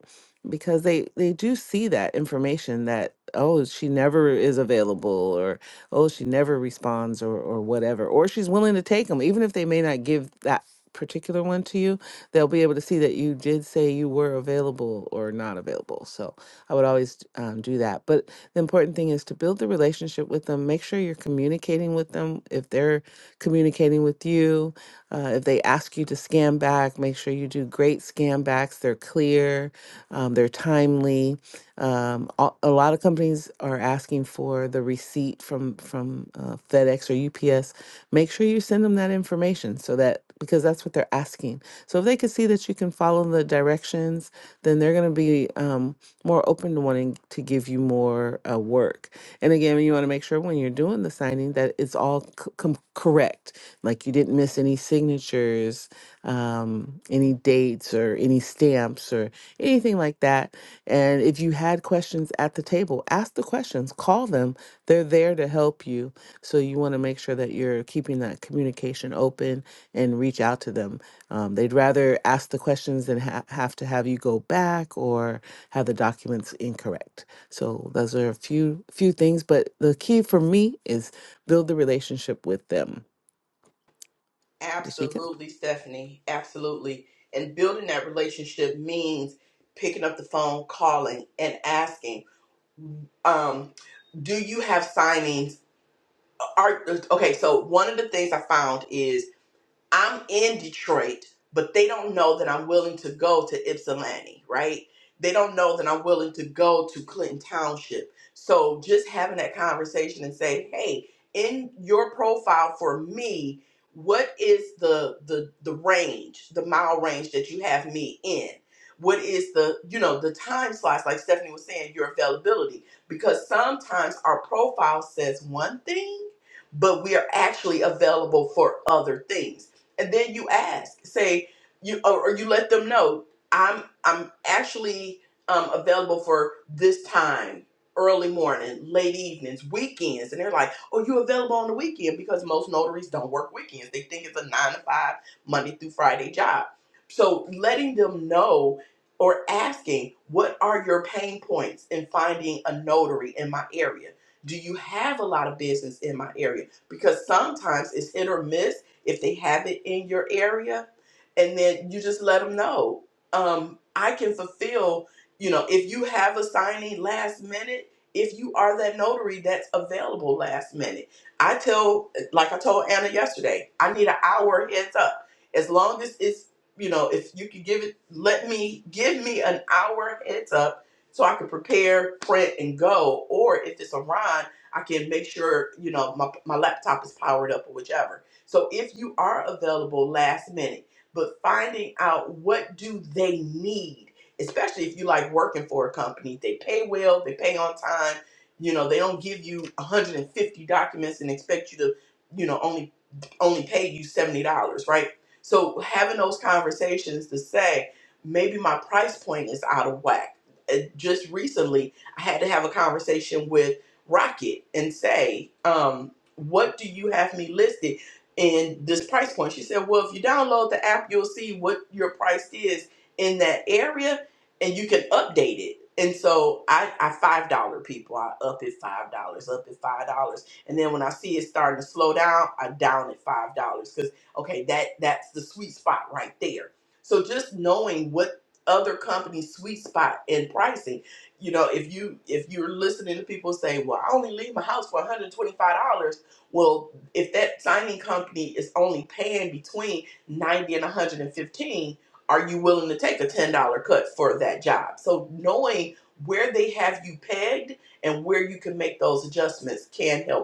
because they they do see that information that oh she never is available or oh she never responds or or whatever or she's willing to take them even if they may not give that particular one to you they'll be able to see that you did say you were available or not available so i would always um, do that but the important thing is to build the relationship with them make sure you're communicating with them if they're communicating with you uh, if they ask you to scan back make sure you do great scam backs. They're clear, um, they're timely. Um, a, a lot of companies are asking for the receipt from from uh, FedEx or UPS. Make sure you send them that information so that because that's what they're asking. So if they can see that you can follow the directions, then they're going to be um, more open to wanting to give you more uh, work. And again, you want to make sure when you're doing the signing that it's all c- com- correct. Like you didn't miss any signatures um, any dates or any stamps or anything like that. And if you had questions at the table, ask the questions, call them. They're there to help you. So you want to make sure that you're keeping that communication open and reach out to them. Um, they'd rather ask the questions than ha- have to have you go back or have the documents incorrect. So those are a few few things, but the key for me is build the relationship with them this weekend.
Absolutely, Stephanie. Absolutely. And building that relationship means picking up the phone, calling, and asking. Um, do you have signings? are okay so one of the things i found is I'm in Detroit, but they don't know that I'm willing to go to Ypsilanti, right? They don't know that I'm willing to go to Clinton Township. So just having that conversation and say, hey, in your profile for me, what is the the the range, the mile range that you have me in? What is the, you know, the time slice, like Stephanie was saying, your availability? Because sometimes our profile says one thing, but we are actually available for other things and then you ask say you or, or you let them know i'm i'm actually um, available for this time early morning late evenings weekends and they're like oh you available on the weekend because most notaries don't work weekends they think it's a nine to five monday through friday job so letting them know or asking what are your pain points in finding a notary in my area do you have a lot of business in my area because sometimes it's hit or miss if they have it in your area, and then you just let them know. Um, I can fulfill, you know, if you have a signing last minute, if you are that notary that's available last minute. I tell, like I told Anna yesterday, I need an hour heads up. As long as it's, you know, if you could give it, let me, give me an hour heads up so I can prepare, print, and go. Or if it's a Ron, I can make sure, you know, my, my laptop is powered up or whichever so if you are available last minute, but finding out what do they need, especially if you like working for a company, they pay well, they pay on time. You know, they don't give you 150 documents and expect you to, you know, only only pay you $70, right? So having those conversations to say, maybe my price point is out of whack. Uh, Just recently, I had to have a conversation with Rocket and say, um, what do you have me listed in this price point? She said, well, if you download the app, you'll see what your price is in that area and you can update it. And so I, I $5 people, I up it $5, up it $5 And then when I see it starting to slow down, I down at five dollars because okay, that that's the sweet spot right there. So just knowing what other companies' sweet spot in pricing, you know, if you if you're listening to people say, well, I only leave my house for one hundred twenty five dollars, well, if that signing company is only paying between ninety and one hundred and fifteen, are you willing to take a ten dollar cut for that job? So knowing where they have you pegged and where you can make those adjustments can help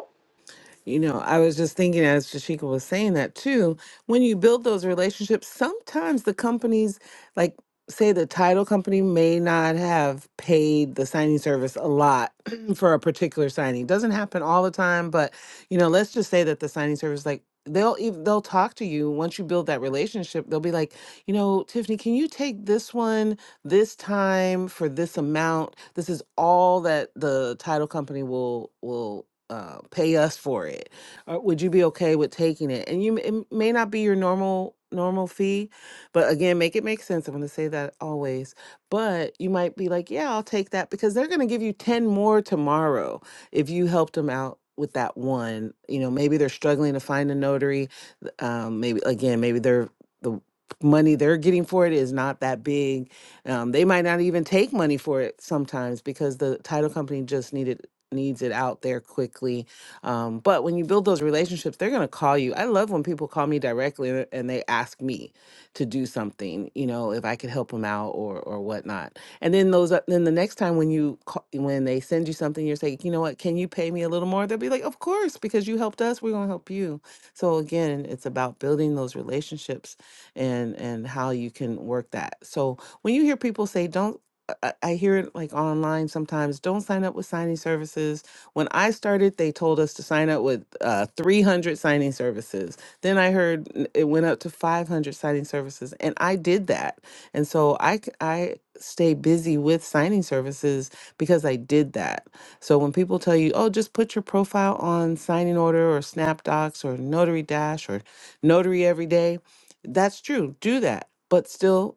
You know, I was just thinking as Jashika was saying that too, when you build those relationships, sometimes the companies, like say the title company may not have paid the signing service a lot for a particular signing. Doesn't happen all the time, but you know, let's just say that the signing service like they'll even they'll talk to you once you build that relationship they'll be like you know tiffany can you take this one this time for this amount this is all that the title company will will uh, pay us for it or would you be okay with taking it and you m- it may not be your normal normal fee but again make it make sense i'm going to say that always but you might be like yeah i'll take that because they're going to give you 10 more tomorrow if you helped them out with that one you know maybe they're struggling to find a notary th- um, maybe again maybe they're the money they're getting for it is not that big um, they might not even take money for it sometimes because the title company just needed needs it out there quickly. Um, but when you build those relationships, they're going to call you. I love when people call me directly and and they ask me to do something, you know, if I could help them out or or whatnot. And then those, o- then the next time when you call, when they send you something, you're saying, you know what, can you pay me a little more? They'll be like, of course, because you helped us, we're going to help you. So again, it's about building those relationships and and how you can work that. So when you hear people say, don't I, I hear it like online sometimes. Don't sign up with signing services. When I started, they told us to sign up with uh, 300 signing services. Then I heard n- it went up to 500 signing services, and I did that. And so I c- I stay busy with signing services because I did that. So when people tell you, oh, just put your profile on signing order or SnapDocs or Notary Dash or Notary Every Day, that's true. Do that, but still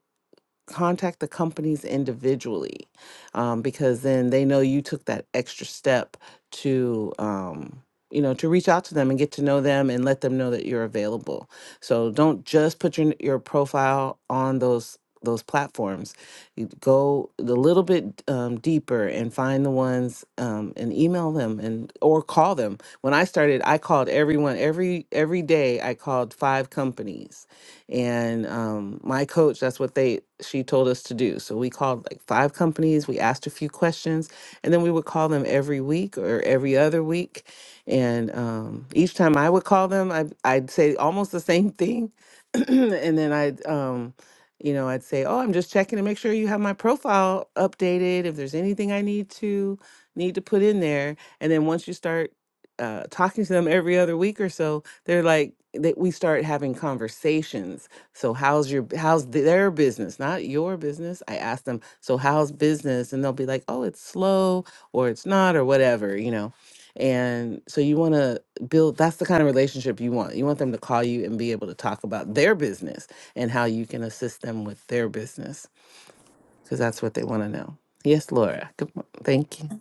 contact the companies individually um, because then they know you took that extra step to um, you know to reach out to them and get to know them and let them know that you're available so don't just put your your profile on those those platforms you go a little bit um, deeper and find the ones um, and email them and or call them when i started i called everyone every every day i called five companies and um, my coach, that's what they she told us to do. So we called like five companies. We asked a few questions, and then we would call them every week or every other week. And um, each time I would call them, I, I'd say almost the same thing, and then I'd um, you know I'd say, oh, I'm just checking to make sure you have my profile updated. If there's anything I need to need to put in there, and then once you start uh, talking to them every other week or so, they're like that we start having conversations. So how's your how's their business, not your business? I ask them, so how's business? And they'll be like, "Oh, it's slow or it's not or whatever, you know." And so you want to build that's the kind of relationship you want. You want them to call you and be able to talk about their business and how you can assist them with their business because that's what they want to know. Yes, Laura. Good. mo- Thank you.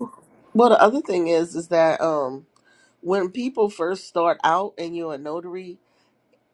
Well, the other thing is, is that um when people first start out and you're a notary,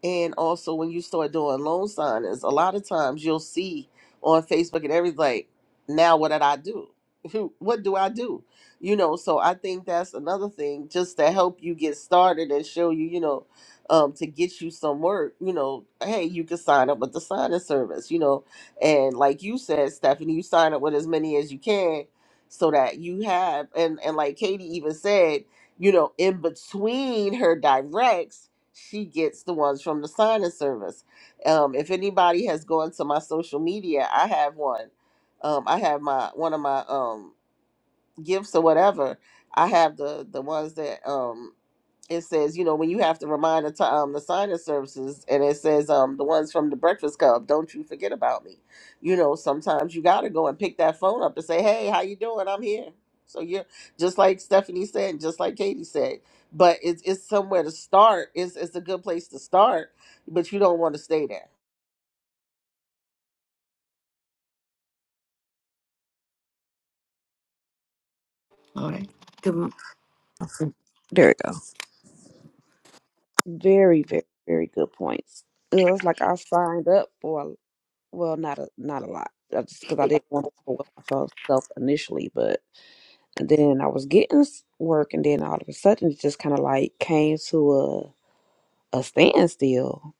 And also, when you start doing loan signings, a lot of times you'll see on Facebook and everything, like, now what did I do? what do I do? You know, so I think that's another thing just to help you get started and show you, you know, um, to get you some work, you know, hey, you can sign up with the signing service, you know, and like you said, Stephanie, you sign up with as many as you can so that you have, and, and like Katie even said, you know, in between her directs, she gets the ones from the signing service. Um, if anybody has gone to my social media, I have one. Um, I have my one of my um, gifts or whatever. I have the the ones that um, it says, you know, when you have to remind the, t- um, the sign-in services, and it says, um, the ones from the Breakfast Club, don't you forget about me. You know, sometimes you gotta go and pick that phone up and say, hey, how you doing? I'm here. So you're just like Stephanie said, and just like Katie said, but it's it's somewhere to start. It's it's a good place to start, but you don't want to stay there
All right. Good.
There we go. Very, very, very good points. It was like I signed up for, well, not a not a lot, uh, just because I didn't want to overwhelm myself initially, but then I was getting s- work, and then all of a sudden it just kind of like came to a a standstill.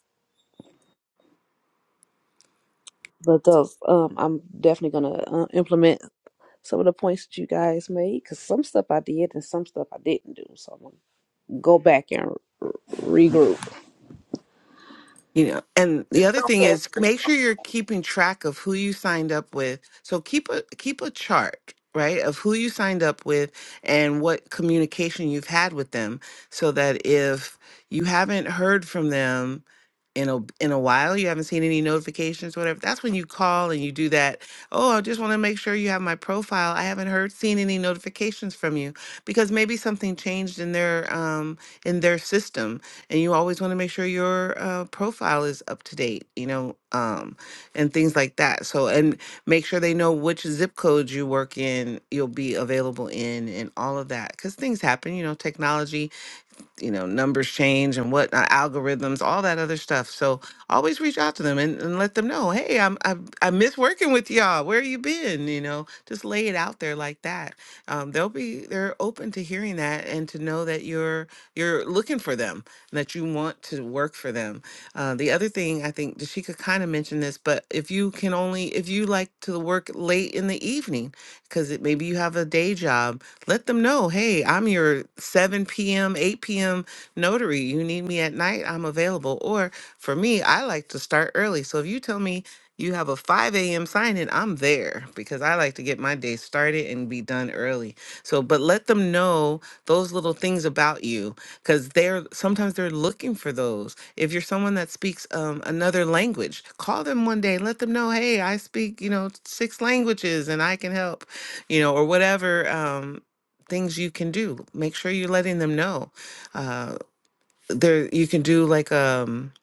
But those, um, I'm definitely gonna uh, implement some of the points that you guys made because some stuff I did and some stuff I didn't do. So I'm gonna go back and r- regroup.
You know, and the
Just
other
don't
He was
thing
also
pass
a
is make
yourself.
sure you're
member
keeping
of the Society
track of who you signed
of
up with. So
Antiquarians.
keep a keep a chart, right, of who you signed up with and what communication you've had with them so that if you haven't heard from them in a in a while, you haven't seen any notifications, whatever, that's when you call and you do that. Oh, I just want to make sure you have my profile. I haven't heard seen any notifications from you because maybe something changed in their um in their system and you always want to make sure your uh, profile is up to date you know um, and things like that so and make sure they know which zip codes you work in you'll be available in and all of that because things happen you know technology you know numbers change and whatnot, algorithms, all that other stuff. So always reach out to them and, and let them know, hey, I'm I, I miss working with y'all. Where you been? You know, just lay it out there like that. Um, they'll be they're open to hearing that and to know that you're you're looking for them, and that you want to work for them. Uh, the other thing I think Dashika kind of mentioned this, but if you can only if you like to work late in the evening because maybe you have a day job let them know, hey, I'm your 7 p.m., 8 p.m. notary. You need me at night, I'm available. Or for me, I like to start early. So if you tell me you have a 5 a.m. sign in, I'm there because I like to get my day started and be done early. So, but let them know those little things about you because they're sometimes they're looking for those. If you're someone that speaks um, another language, call them one day, let them know, hey, I speak, you know, six languages and I can help you know, or whatever. Um, things you can do. Make sure you're letting them know. Uh, there, you can do like um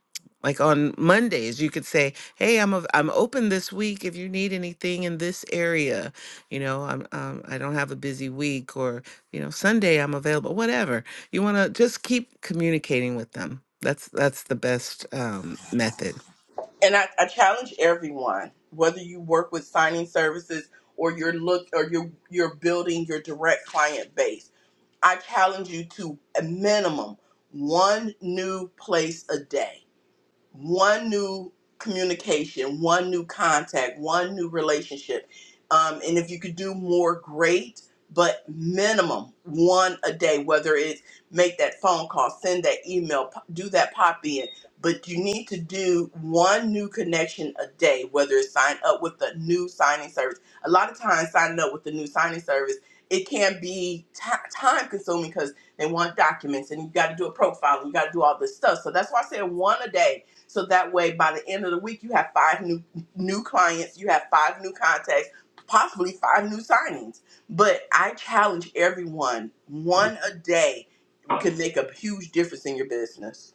like on Mondays, you could say, "Hey, I'm i am i am open this week. If you need anything in this area, you know, I'm um, I don't have a busy week, or you know, Sunday I'm available. Whatever you want to, just keep communicating with them. That's that's the best um, method.
And I, I challenge everyone, whether you work with signing services or you're look or you're you're building your direct client base. I challenge you to a minimum one new place a day. one new communication, one new contact, one new relationship. Um, and if you could do more, great, but minimum one a day, whether it's make that phone call, send that email, p- do that pop in. But you need to do one new connection a day, whether it's sign up with the new signing service. A lot of times, signing up with the new signing service, it can be ti time consuming because they want documents and you got to do a profile and you got to do all this stuff. So that's why I said one a day so that way, by the end of the week, you have five new new clients, you have five new contacts, possibly five new signings. But I challenge everyone: one a day can make a huge difference in your business.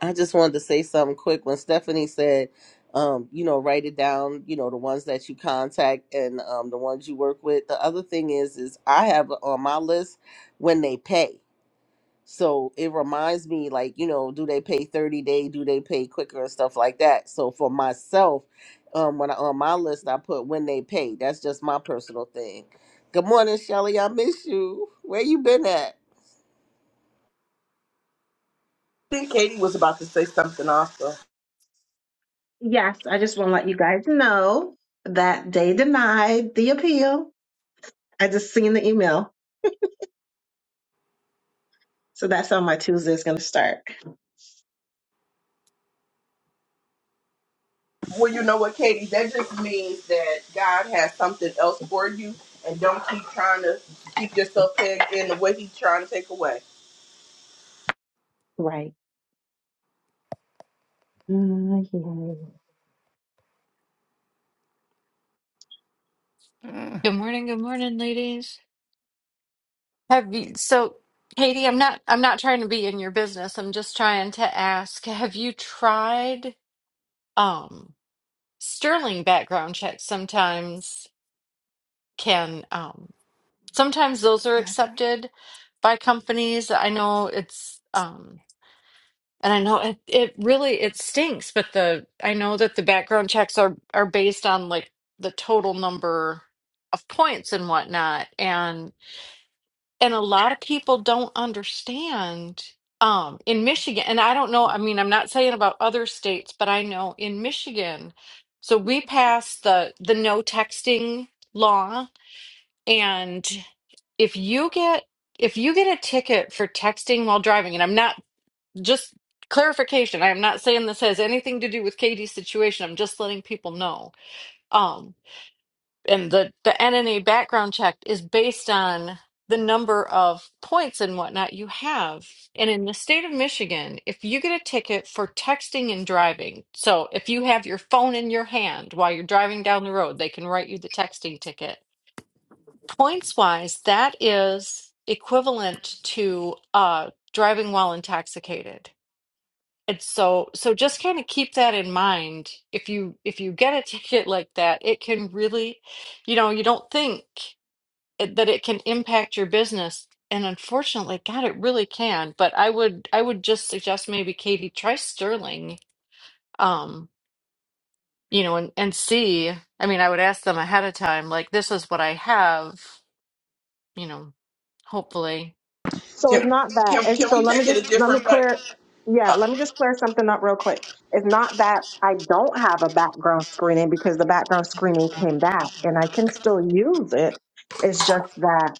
I just wanted to say something quick. When Stephanie said, um, you know, write it down, you know, the ones that you contact and um, the ones you work with. The other thing is, is I have on my list when they pay. So it reminds me, like, you know, do they pay 30 day? Do they pay quicker and stuff like that? So for myself, um, when I, on my list, I put when they pay. That's just my personal thing. Good morning, Shelly. I miss you. Where you been at?
I think Katie was about to say something also.
Yes, I just want to let you guys know that they denied the appeal. I just seen the email. So that's how my Tuesday is going to start.
Well, you know what, Katie? That just means that God has something else for you, and don't keep trying to keep yourself pegged in the way He's trying to take away.
Right. Mm, yeah,
Mm,
Good morning, good morning, ladies. Have you, so Katie, I'm not I'm not trying to be in your business. I'm just trying to ask, have you tried um Sterling background checks sometimes can um sometimes those are
bye.
accepted by companies. I know it's um and I know it, it really it stinks, but the I know that the background checks are are based on like the total number of points and whatnot. and a lot of people don't understand um in Michigan and I don't know I mean I'm not saying about other states but I know in Michigan so we passed the the no texting law and if you get if you get a ticket for texting while driving and I'm not just clarification I am not saying this has anything to do with Katie's situation I'm just letting people know Um, and the the NNA background check is based on the number of points and whatnot you have. And in the state of Michigan, if you get a ticket for texting and driving, so if you have your phone in your hand while you're driving down the road, they can write you the texting ticket. Points wise, that is equivalent to uh, driving while intoxicated. And so so just kind of keep that in mind. If you if you get a ticket like that, it can really, you know, you don't think it, that it can impact your business. And unfortunately, God, it really can. But I would I would just suggest maybe Katie try Sterling, um, you know, and and see. I mean, I would ask them ahead of time, like, this is what I have, you know, hopefully.
So it's
Can,
not that.
can,
It's
can
so
we
let me
take it a
just let me
different way?
clear. Yeah,
Uh,
let me just clear something up real quick. It's not that I don't have a background screening because the background screening came back and I can still use it. It's just that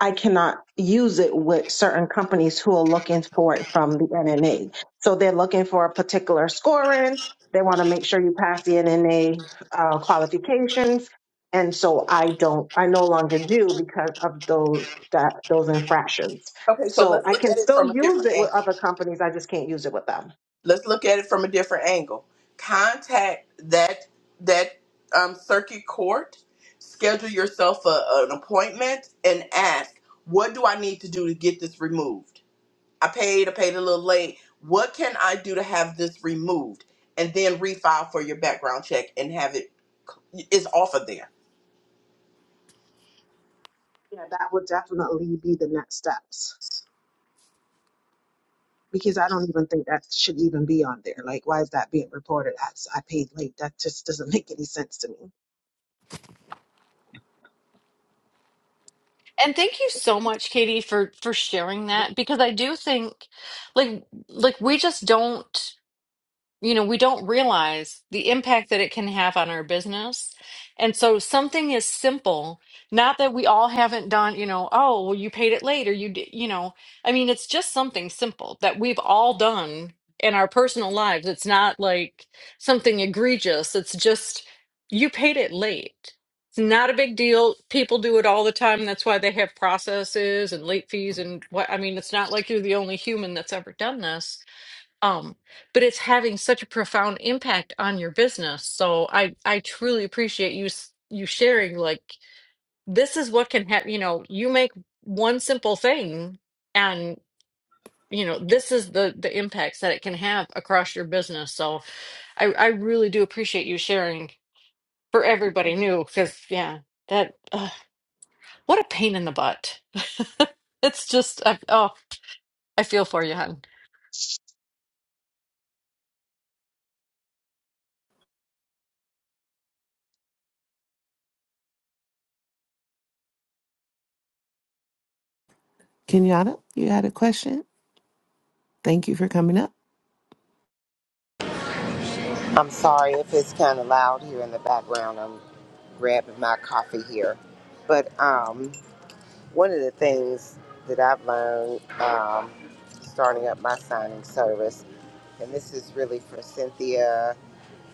I cannot use it with certain companies who are looking for it from the NNA. So they're looking for a particular scoring. They want to make sure you pass the NNA uh, qualifications. And so I don't, I no longer do because of those, that, those infractions.
okay, so
So
let's
I
look
can
at it
still
from a
use
different
it with
angle.
other companies. I just can't use it with them.
let's look at it from a different angle. Contact that that um, circuit court, schedule yourself a, an appointment, and ask, "What do I need to do to get this removed? I paid. I paid a little late. What can I do to have this removed?" And then refile for your background check and have it is off of there
Yeah, that would definitely be the next steps. because I don't even think that should even be on there. Like, why is that being reported as I paid late? That just doesn't make any sense to me.
And thank you so much, Katie, for for sharing that because I do think like like we just don't you know, we don't realize the impact that it can have on our business. And so something is simple, not that we all haven't done, you know, oh, well, you paid it late or you did, you know, I mean, it's just something simple that we've all done in our personal lives. It's not like something egregious. It's just you paid it late. It's not a big deal. People do it all the time. That's why they have processes and late fees and what, I mean, it's not like you're the only human that's ever done this um but it's having such a profound impact on your business so i i truly appreciate you s- you sharing like this is what can happen you know you make one simple thing and you know this is the the impacts that it can have across your business so i i really do appreciate you sharing for everybody new because yeah that ugh, what a pain in the butt it's just I, oh i feel for you hon
Kenyatta, you had a question? Thank you for coming up.
I'm sorry if it's kind of loud here in the background. I'm grabbing my coffee here. But um, one of the things that I've learned um, starting up my signing service, and this is really for Cynthia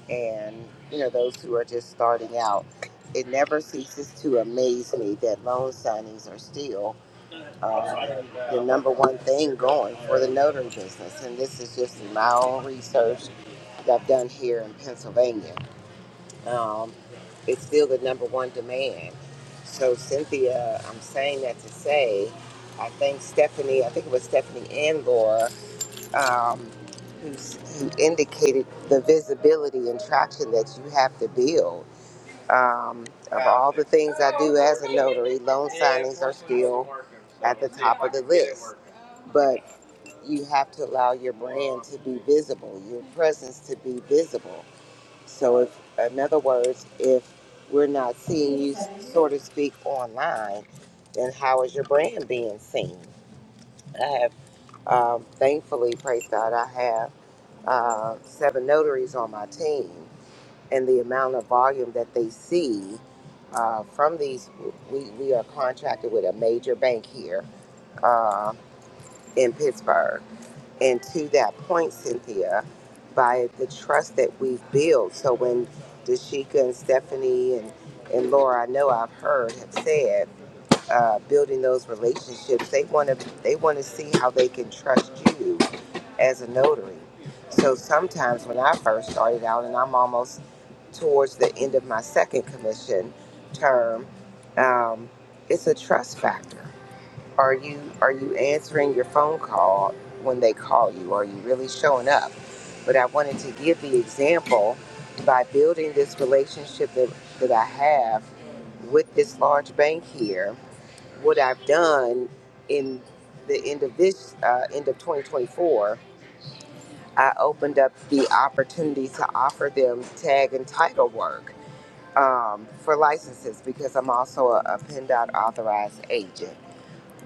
and you know those who are just starting out, it never ceases to amaze me that loan signings are still um, the number one thing going for the notary business. And this is just in my own research that I've done here in Pennsylvania um, it's still the number one demand. So, Cynthia, I'm saying that to say, I think Stephanie, I think it was Stephanie and Laura, um, who's, who indicated the visibility and traction that you have to build. Um, of all the things I do as a notary, loan signings are still at the top of the list. But you have to allow your brand to be visible, your presence to be visible. So if, in other words, if we're not seeing you, so to speak, online, then how is your brand being seen? I have, um, thankfully, praise God, I have uh, seven notaries on my team, and the amount of volume that they see uh, from these, we, we are contracted with a major bank here uh, in Pittsburgh and to that point, Cynthia, by the trust that we've built. So when Dashika and Stephanie and, and Laura, I know I've heard, have said, uh, building those relationships, they want to they want to see how they can trust you as a notary. So sometimes when I first started out, and I'm almost towards the end of my second commission term, um, it's a trust factor are you are you answering your phone call when they call you? Are you really showing up? But I wanted to give the example by building this relationship that, that I have with this large bank here. What I've done in the end of this uh, end of 2024, I opened up the opportunity to offer them tag and title work um, for licenses because I'm also a, a PennDOT authorized agent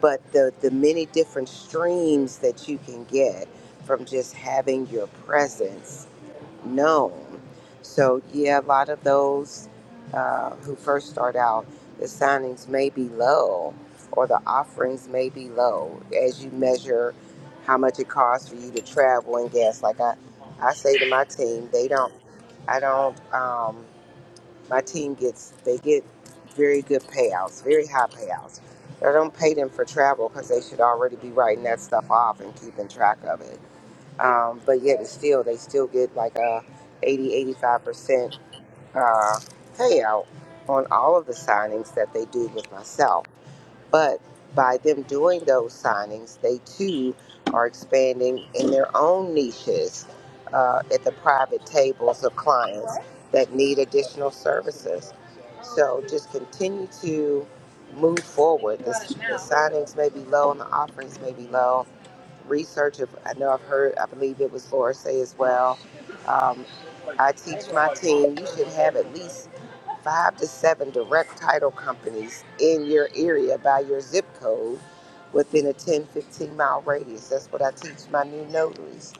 but the, the many different streams that you can get from just having your presence known. So, yeah, a lot of those uh, who first start out, the signings may be low or the offerings may be low as you measure how much it costs for you to travel and gas. Like I, I say to my team, they don't, I don't. Um, my team gets they get very good payouts, very high payouts. I don't pay them for travel because they should already be writing that stuff off and keeping track of it. Um, but yet, it's still they still get like a 80, 85 percent uh, payout on all of the signings that they do with myself. But by them doing those signings, they too are expanding in their own niches uh, at the private tables of clients that need additional services. So just continue to move forward. The, the signings may be low and the offerings may be low. Research, if, I know I've heard, I believe it was Laura say as well. Um, I teach my team, you should have at least five to seven direct title companies in your area by your zip code within a 10 15 mile radius that's what i teach my new notaries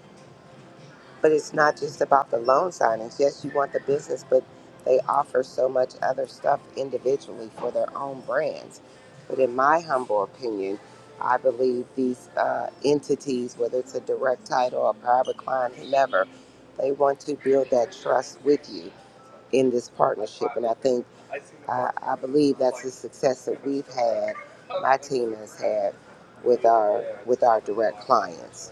but it's not just about the loan signings yes you want the business but they offer so much other stuff individually for their own brands but in my humble opinion i believe these uh, entities whether it's a direct title a private client whomever they want to build that trust with you in this partnership. And I think I, I believe that's the success that we've had, my team has had with our with our direct clients.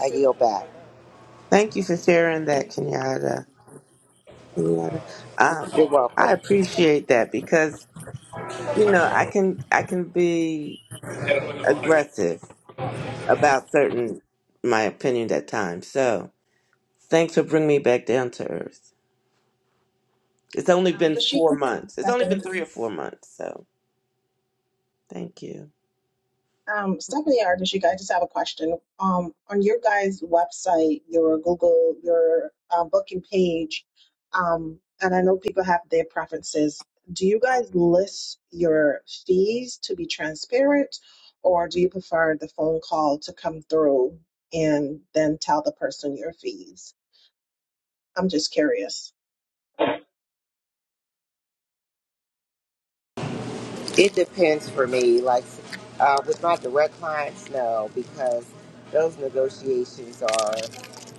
I yield back.
Thank you for sharing that, Kenyatta. Yeah. Um, I appreciate that because, you know, I can I can be aggressive about certain my opinions at times. So thanks for bringing me back down to earth. It's only
Um,
been
Dashika,
four months. It's only been
Stephanie.
three or four months. So thank you.
Um, Stephanie or Dashika, I just have a question. Um, on your guys' website, your Google, your uh, booking page, um, and I know people have their preferences. Do you guys list your fees to be transparent, or do you prefer the phone call to come through and then tell the person your fees? I'm just curious.
It depends for me. Like uh, with my direct clients, no, because those negotiations are.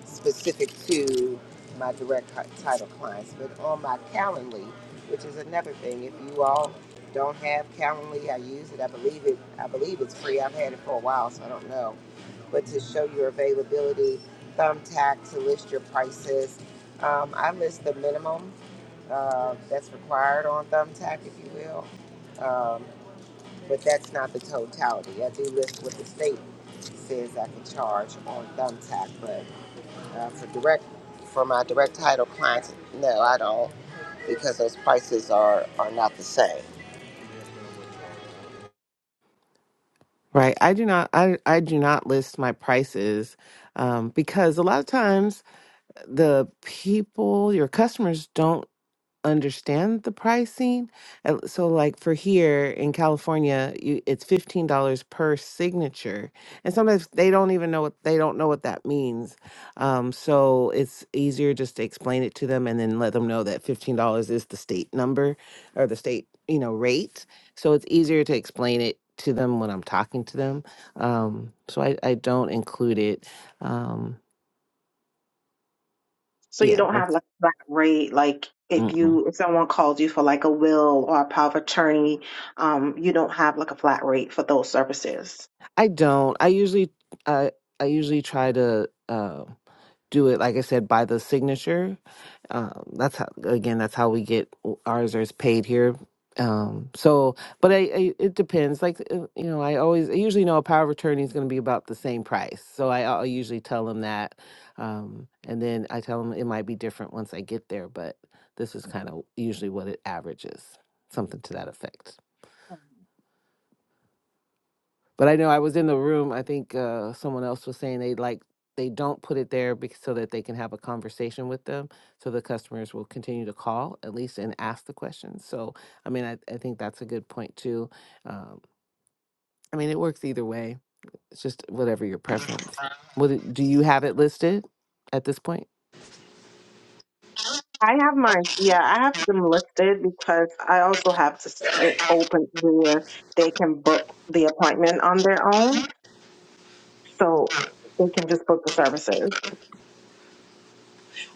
specific to my direct hi- title clients, but on my Calendly, which is another thing. If you all don't have Calendly, I use it. I believe it. I believe it's free. I've had it for a while, so I don't know. But to show your availability, Thumbtack to list your prices. Um, I list the minimum uh, that's required on Thumbtack, if you will. Um, but that's not the totality. I do list what the state says I can charge on Thumbtack, but uh, for direct, for my direct title clients, no, I don't, because those prices are are not the same.
Right. I do not I, I do not list my prices um, because a lot of times the people, your customers don't understand the pricing. Uh, So, like for here in California, you, it's fifteen dollars per signature, and sometimes they don't even know what they don't know what that means. Um, so it's easier just to explain it to them and then let them know that fifteen dollars is the state number or the state you know rate. So it's easier to explain it to them when I'm talking to them. Um, so I, I don't include it. Um,
So you
yeah,
don't have
that's.
like a flat rate, like if
Mm-mm.
you if someone calls you for like a will or a power of attorney, um, you don't have like a flat rate for those services.
I don't. I usually I I usually try to uh, do it like I said by the signature. Um, that's how again that's how we get ours is paid here. Um, so, but I, I it depends. Like uh, you know, I always I usually know a power of attorney is going to be about the same price. So I, I usually tell them that, um, and then I tell them it might be different once I get there. But this is kind of usually what it averages, something to that effect. But I know I was in the room. I think uh, someone else was saying they like they don't put it there because, so that they can have a conversation with them, so the customers will continue to call at least and ask the questions. So I mean, I, I think that's a good point too. Um, I mean, it works either way. It's just whatever your preference. Would it, do you have it listed at this point?
I have mine. Yeah, I have them listed because I also have to s- it open where they can book the appointment on their own, so they can just book the services.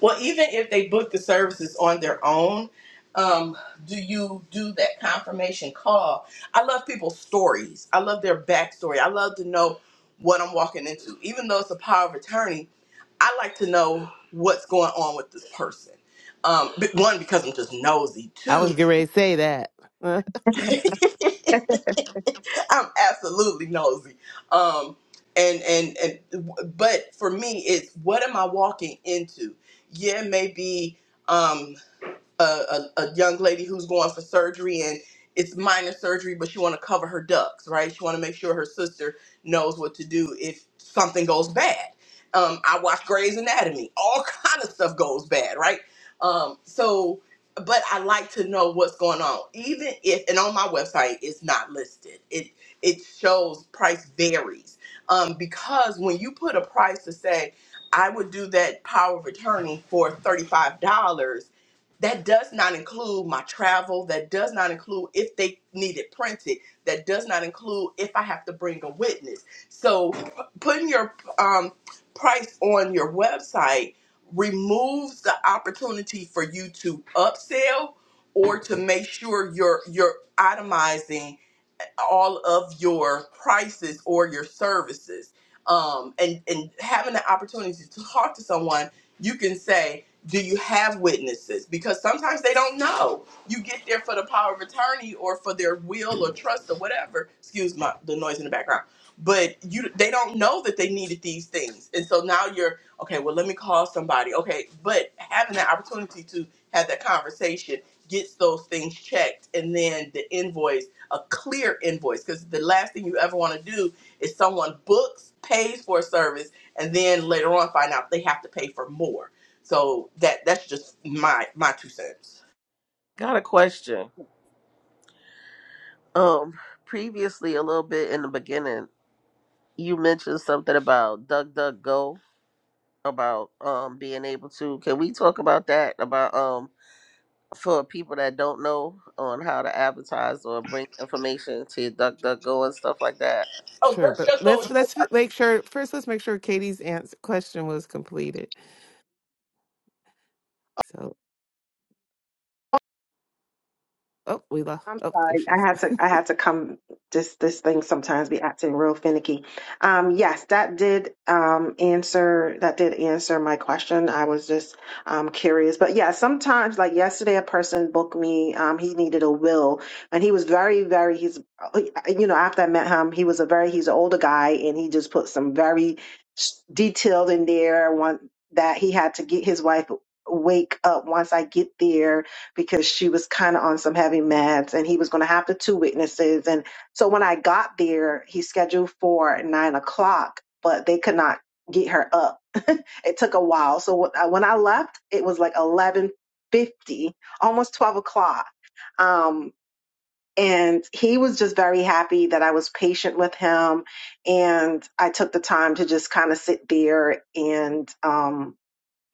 Well, even if they book the services on their own, um, do you do that confirmation call? I love people's stories. I love their backstory. I love to know what I'm walking into. Even though it's a power of attorney, I like to know what's going on with this person. Um, b- one because I'm just nosy.
I was
Two,
getting ready to say that.
I'm absolutely nosy. Um, and and and, but for me, it's what am I walking into? Yeah, maybe. um, a, a, a young lady who's going for surgery and it's minor surgery but she want to cover her ducks right she want to make sure her sister knows what to do if something goes bad um, i watch Grey's anatomy all kind of stuff goes bad right um, so but i like to know what's going on even if and on my website it's not listed it it shows price varies um, because when you put a price to say i would do that power of attorney for $35 that does not include my travel. That does not include if they need it printed. That does not include if I have to bring a witness. So, p- putting your um, price on your website removes the opportunity for you to upsell or to make sure you're you're itemizing all of your prices or your services um, and and having the opportunity to talk to someone you can say do you have witnesses because sometimes they don't know you get there for the power of attorney or for their will or trust or whatever excuse my the noise in the background but you they don't know that they needed these things and so now you're okay well let me call somebody okay but having that opportunity to have that conversation gets those things checked and then the invoice a clear invoice because the last thing you ever want to do is someone books, pays for a service, and then later on find out they have to pay for more. So that that's just my my two cents.
Got a question. Um, previously, a little bit in the beginning. you mentioned something about DuckDuckGo about um being able to. Can we talk about that? About um for people that don't know on how to advertise or bring information to DuckDuckGo and stuff like that.
Oh,
sure,
that's
but
just
let's
so
let's f- make sure first. Let's make sure Katie's answer question was completed. So, oh, we lost.
I'm
Oh, there
sorry.
she
I
is.
had to I had to come this this thing sometimes be acting real finicky. Um yes, that did um answer that did answer my question. I was just um curious. But yeah, sometimes like yesterday a person booked me, um he needed a will and he was very very he's uh, you know, after I met him, he was a very he's an older guy and he just put some very s- detailed in there one that he had to get his wife wake up once I get there because she was kind of on some heavy meds and he was going to have the two witnesses. And so when I got there, he scheduled for nine o'clock, but they could not get her up. it took a while. So when I when I left, it was like 1150, almost 12 o'clock. Um, and he was just very happy that I was patient with him. And I took the time to just kind of sit there and, um,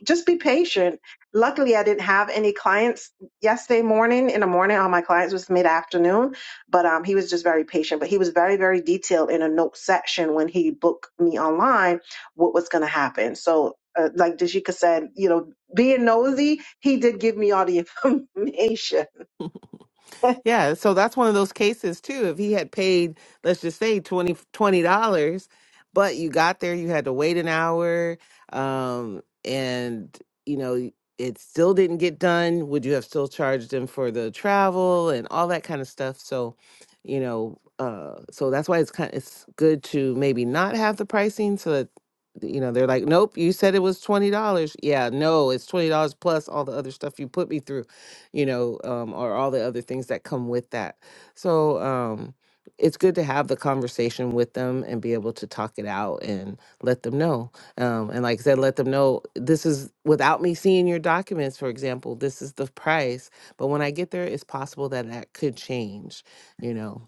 just be patient. Luckily, I didn't have any clients yesterday morning. In the morning, all my clients was mid afternoon, but um, he was just very patient. But he was very, very detailed in a note section when he booked me online what was going to happen. So, uh, like Dashika said, you know, being nosy, he did give me all the information.
Yeah, so that's one of those cases too. If he had paid, let's just say twenty twenty dollars, but you got there, you had to wait an hour, um, and you know it still didn't get done. Would you have still charged him for the travel and all that kind of stuff? So, you know, uh, so that's why it's kind it's good to maybe not have the pricing so that you know they're like, nope, you said it was twenty dollars. Yeah, no, it's twenty dollars plus all the other stuff you put me through you know, um, or all the other things that come with that. So um, it's good to have the conversation with them and be able to talk it out and let them know. Um, and like I said, let them know this is without me seeing your documents, for example, this is the price. But when I get there, it's possible that that could change, you know.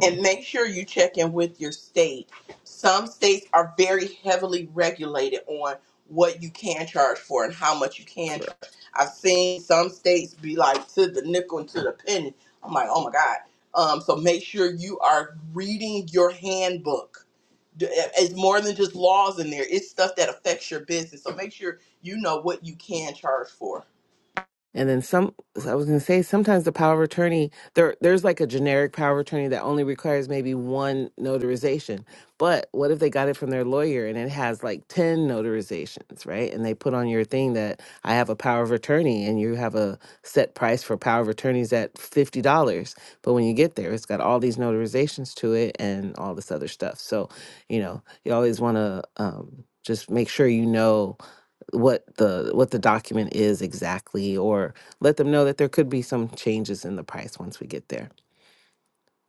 and make sure you check in with your state. Some states are very heavily regulated on what you can charge for and how much you can
Correct.
charge. I've seen some states be like to the nickel and to the penny. I'm like, oh my god. Um, so make sure you are reading your handbook. D- It's more than just laws in there. It's stuff that affects your business. So make sure you know what you can charge for.
And then some, I was going to say, sometimes the power of attorney, there, there's like a generic power of attorney that only requires maybe one notarization. But what if they got it from their lawyer and it has like 10 notarizations, right? And they put on your thing that I have a power of attorney and you have a set price for power of attorneys at $50. But when you get there, it's got all these notarizations to it and all this other stuff. So, you know, you always want to um, just make sure you know what the what the document is exactly or let them know that there could be some changes in the price once we get there.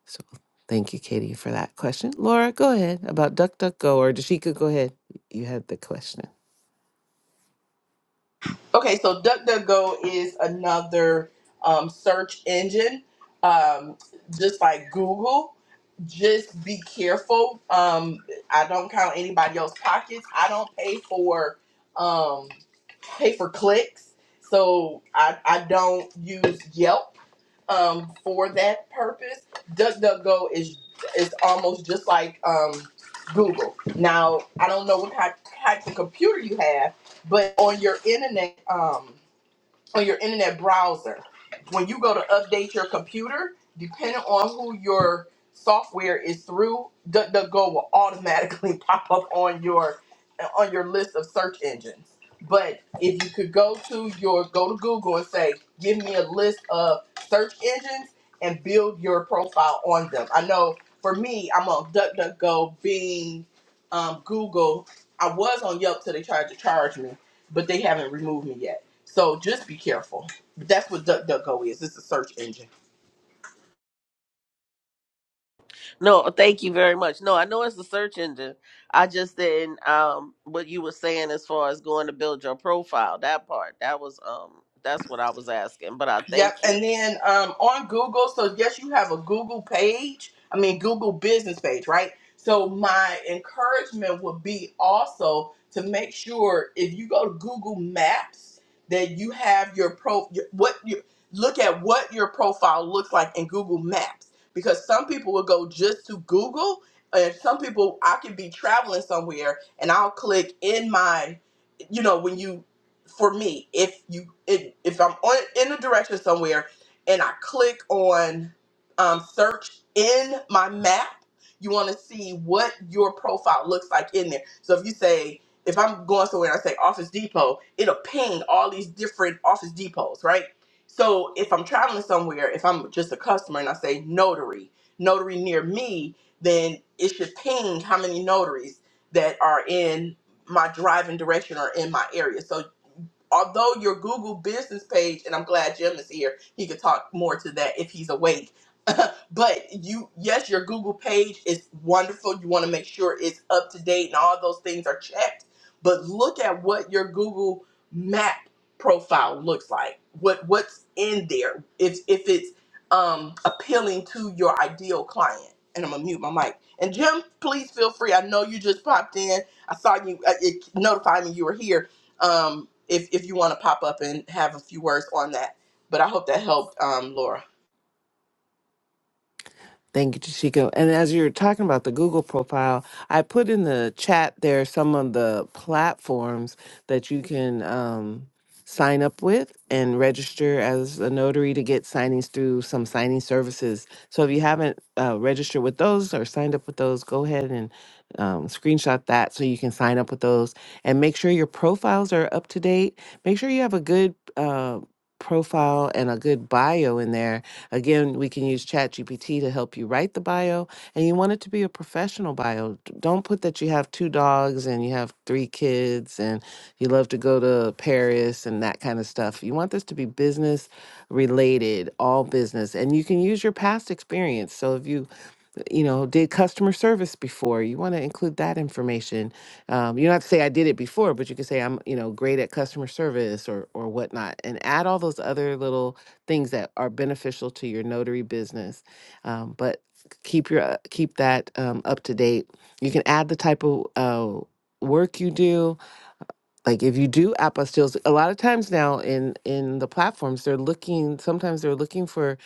So thank you, Katie, for that question. Laura, go ahead about DuckDuckGo or Dashika, go ahead. You had the question.
Okay, so DuckDuckGo is another um, search engine, um, just like Google. Just be careful. Um, I don't count anybody else's pockets. I don't pay for um, pay for clicks, so I, I don't use Yelp um, for that purpose. DuckDuckGo is is almost just like um, Google. Now I don't know what type, type of computer you have, but on your internet. Um, on your internet browser. When you go to update your computer, depending on who your software is through, DuckDuckGo will automatically pop up on your on your list of search engines. But if you could go to your go to Google and say, "Give me a list of search engines," and build your profile on them. I know for me, I'm on DuckDuckGo, Bing, um, Google. I was on Yelp till they tried to charge me, but they haven't removed me yet. So just be careful. That's what DuckDuckGo is. It's a search engine.
No, thank you very much. No, I know it's the search engine. I just didn't um what you were saying as far as going to build your profile. That part that was um that's what I was asking. But I
Yep.
thank you.
And then um, on Google, so yes, you have a Google page. I mean, Google business page, right? So my encouragement would be also to make sure if you go to Google Maps that you have your pro your- what you look at what your profile looks like in Google Maps because some people will go just to Google and some people I could be traveling somewhere and I'll click in my you know when you for me, if you if, if I'm on in a direction somewhere and I click on um, search in my map, you want to see what your profile looks like in there. So if you say if I'm going somewhere and I say Office Depot, it'll ping all these different Office Depots, right? So if I'm traveling somewhere, if I'm just a customer and I say notary, notary near me, then it should ping how many notaries that are in my driving direction or in my area. So although your Google business page, and I'm glad Jim is here, he could talk more to that if he's awake but you yes your google page is wonderful you want to make sure it's up to date and all those things are checked but look at what your google map profile looks like what what's in there if if it's um appealing to your ideal client and i'm gonna mute my mic and jim please feel free i know you just popped in i saw you uh, it notified me you were here um if if you want to pop up and have a few words on that but i hope that helped um laura
Thank you, Chico. And as you're talking about the Google profile, I put in the chat there some of the platforms that you can um, sign up with and register as a notary to get signings through some signing services. So if you haven't uh, registered with those or signed up with those, go ahead and um, screenshot that so you can sign up with those and make sure your profiles are up to date. Make sure you have a good uh, profile and a good bio in there Again, we can use ChatGPT to help you write the bio, and you want it to be a professional bio. D- Don't put that you have two dogs and you have three kids and you love to go to Paris and that kind of stuff. You want this to be business related, all business, and you can use your past experience. So if you you know, did customer service before. You want to include that information. Um, you don't have to say I did it before, but you can say I'm, you know, great at customer service or or whatnot, and add all those other little things that are beneficial to your notary business. Um, but keep your uh, keep that um, up to date. You can add the type of uh, work you do like if you do app apostilles a lot of times now in in the platforms they're looking sometimes they're looking for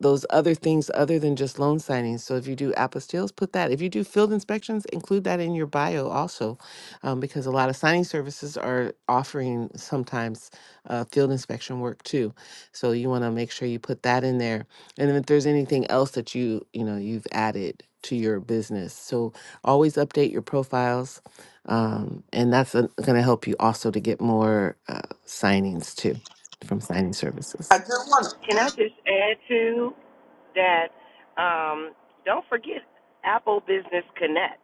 those other things other than just loan signings so if you do app apostilles put that if you do field inspections include that in your bio also um, because a lot of signing services are offering sometimes uh, field inspection work too so you want to make sure you put that in there and then if there's anything else that you you know you've added to your business so always update your profiles um, and that's going to help you also to get more uh, signings too from signing
i
services.
just want to
Can I just add to that? Um, don't forget Apple Business Connect.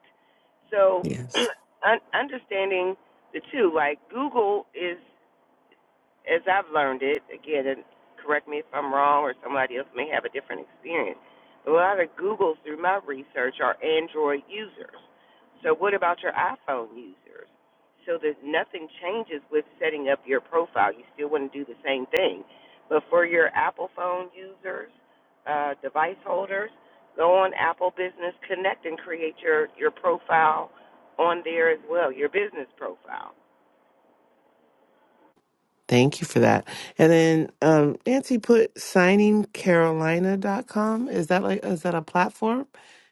So
Yes,
un- understanding the two, like Google is. as I've learned it, again, and correct me if I'm wrong or somebody else may have a different experience, a lot of Googles through my research are Android users. So what about your iPhone users? So that nothing changes with setting up your profile. You still want to do the same thing. But for your Apple phone users, uh, device holders, go on Apple Business Connect and create your, your profile on there as well, your business profile
thank you for that. And then um, Nancy put signing carolina dot com. Is that like is that a platform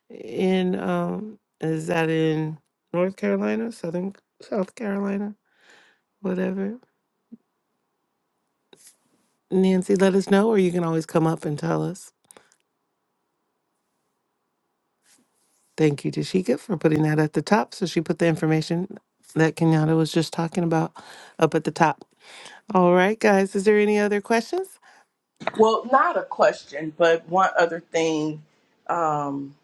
in um, is that in North Carolina, Southern South Carolina, whatever? Nancy, let us know, or you can always come up and tell us. Thank you, Tashika, for putting that at the top. So she put the information that Kenyatta was just talking about up at the top. All right, guys, is there any other questions?
Well, not a question, but one other thing. Um,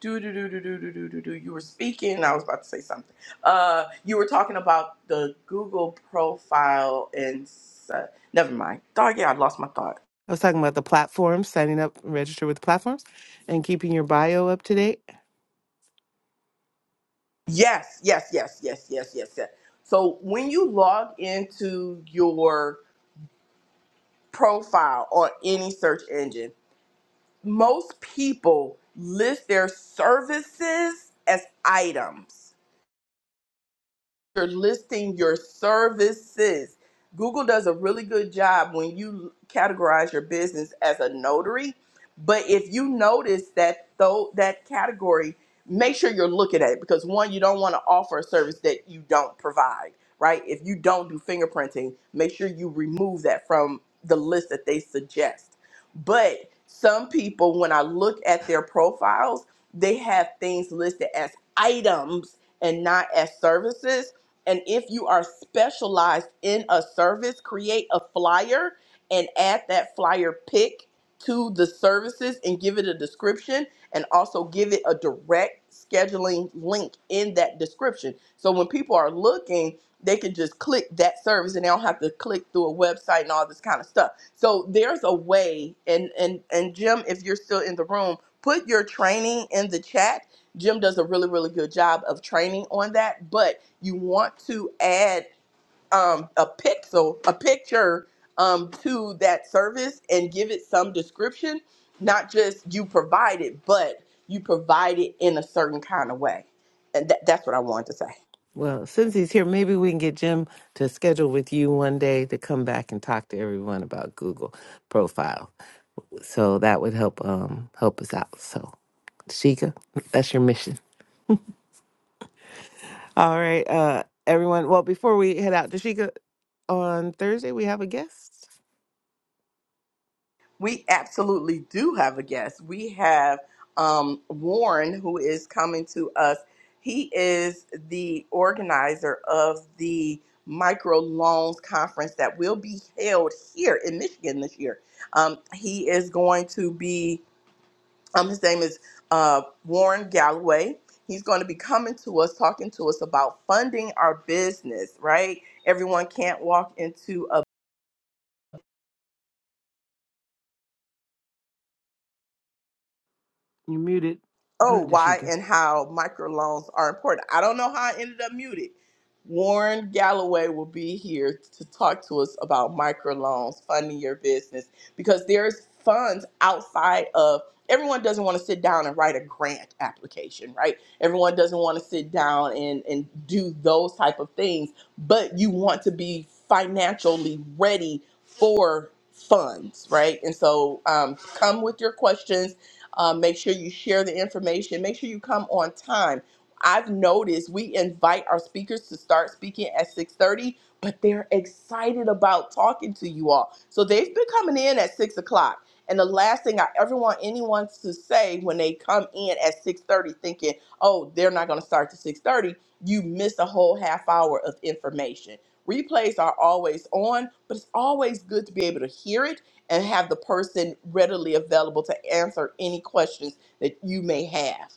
do do do do do do do do do. You were speaking. I was about to say something. Uh, you were talking about the Google profile and s- uh, never mind. Dog, yeah, I lost my thought.
I was talking about the platforms, signing up, register with platforms, and keeping your bio up to date.
Yes, yes, yes, yes, yes, yes, yes. So when you log into your profile on any search engine, most people list their services as items you're listing your services. Google does a really good job when you categorize your business as a notary, but if you notice that though that category, make sure you're looking at it because one, you don't want to offer a service that you don't provide, right? If you don't do fingerprinting, make sure you remove that from the list that they suggest. But some people, when I look at their profiles, they have things listed as items and not as services and if you are specialized in a service, create a flyer and add that flyer pick to the services and give it a description and also give it a direct scheduling link in that description. So when people are looking, they can just click that service and they don't have to click through a website and all this kind of stuff. So there's a way and and and Jim, if you're still in the room, put your training in the chat Jim does a really, really good job of training on that, but you want to add um, a pixel, a picture um, to that service and give it some description, not just you provide it, but you provide it in a certain kind of way. And that, that's what I wanted to say.
Well, since he's here, maybe we can get Jim to schedule with you one day to come back and talk to everyone about Google profile. So that would help um help us out. So Tashika, that's your mission. All right, uh, everyone. Well, before we head out, Dashika, on Thursday we have a guest.
We absolutely do have a guest. We have um, Warren, who is coming to us. He is the organizer of the microloans conference that will be held here in Michigan this year. Um, he is going to be, um, his name is uh, Warren Galloway. He's going to be coming to us, talking to us about funding our business, right? Everyone can't walk into
You muted,
oh, why
Dashika.
and how microloans are important. I don't know how I ended up muted. Warren Galloway will be here to talk to us about microloans, funding your business, because there's funds outside of everyone doesn't want to sit down and write a grant application, right? Everyone doesn't want to sit down and, and do those type of things, but you want to be financially ready for funds, right? And so um, come with your questions um, make sure you share the information. Make sure you come on time. I've noticed we invite our speakers to start speaking at 6:30, but they're excited about talking to you all. So they've been coming in at six o'clock. And the last thing I ever want anyone to say when they come in at 6:30 thinking, oh, they're not gonna start to 6:30, you miss a whole half hour of information. Replays are always on, but it's always good to be able to hear it and have the person readily available to answer any questions that you may have.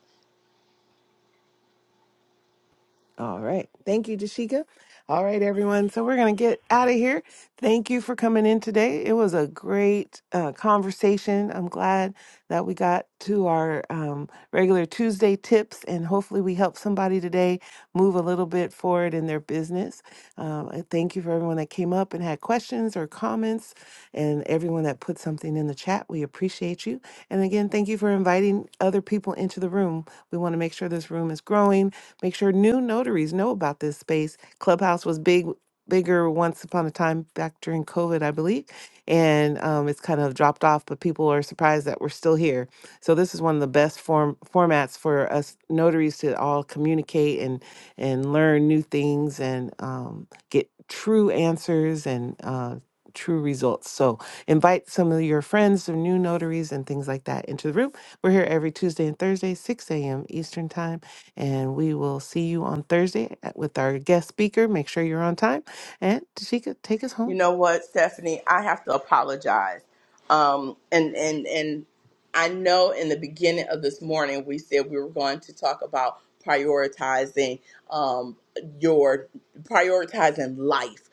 All right. Thank you, Dashika. All right, everyone. So we're going to get out of here. Thank you for coming in today. It was a great uh, conversation. I'm glad that we got to our um, regular Tuesday tips, and hopefully, we helped somebody today move a little bit forward in their business. Um, I thank you for everyone that came up and had questions or comments, and everyone that put something in the chat. We appreciate you. And again, thank you for inviting other people into the room. We want to make sure this room is growing Make sure new notaries know about this space. Clubhouse was big, bigger once upon a time back during COVID, I believe, and um, it's kind of dropped off. But people are surprised that we're still here. So this is one of the best form formats for us notaries to all communicate and and learn new things and um, get true answers and uh, true results. So invite some of your friends or new notaries and things like that into the room. We're here every Tuesday and Thursday, 6 a.m. Eastern Time. And we will see you on Thursday at- with our guest speaker. Make sure you're on time. And Tashika, take us home.
you know what, Stephanie, I have to apologize. Um, and and and I know in the beginning of this morning we said we were going to talk about prioritizing um, your prioritizing life,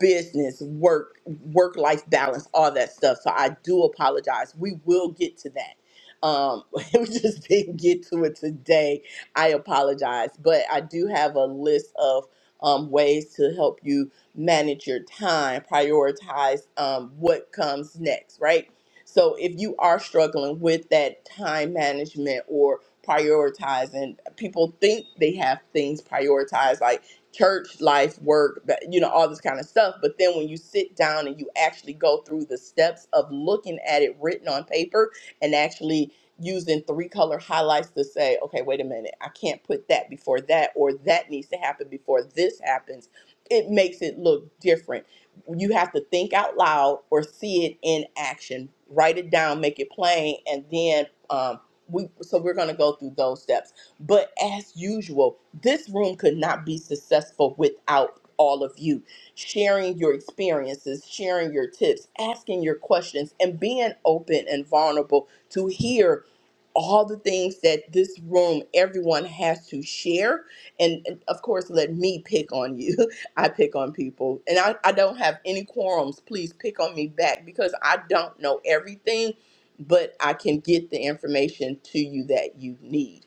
business, work, work life balance, all that stuff. So I do apologize. We will get to that. Um, we just didn't get to it today. I apologize, but I do have a list of um, ways to help you manage your time, prioritize um, what comes next, right? So if you are struggling with that time management or prioritizing, people think they have things prioritized like church life, work, but, you know, all this kind of stuff. But then when you sit down and you actually go through the steps of looking at it written on paper and actually using three color highlights to say, okay, wait a minute, I can't put that before that, or that needs to happen before this happens it makes it look different. You have to think out loud or see it in action. Write it down, make it plain, and then um, we. So we're gonna go through those steps. But as usual, this room could not be successful without all of you sharing your experiences, sharing your tips, asking your questions, and being open and vulnerable to hear all the things that this room everyone has to share and, and of course let me pick on you i pick on people and I, I don't have any quorums please pick on me back because i don't know everything but i can get the information to you that you need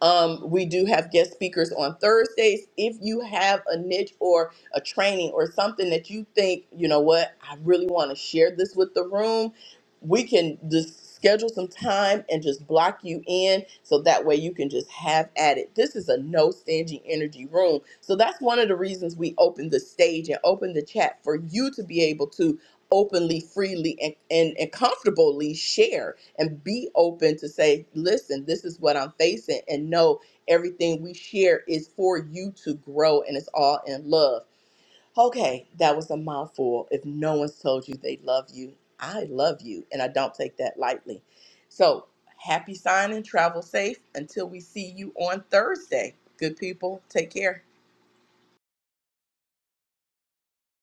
um, we do have guest speakers on Thursdays. If you have a niche or a training or something that you think, you know what, I really want to share this with the room, we can just schedule some time and just block you in so that way you can just have at it. This is a no staging energy room. So that's one of the reasons we opened the stage and opened the chat for you to be able to openly, freely, and, and, and comfortably share and be open to say, listen, this is what I'm facing. And know everything we share is for you to grow and it's all in love. Okay, that was a mouthful. If no one's told you they love you, I love you. And I don't take that lightly. So happy signing, travel safe until we see you on Thursday. Good people, take care.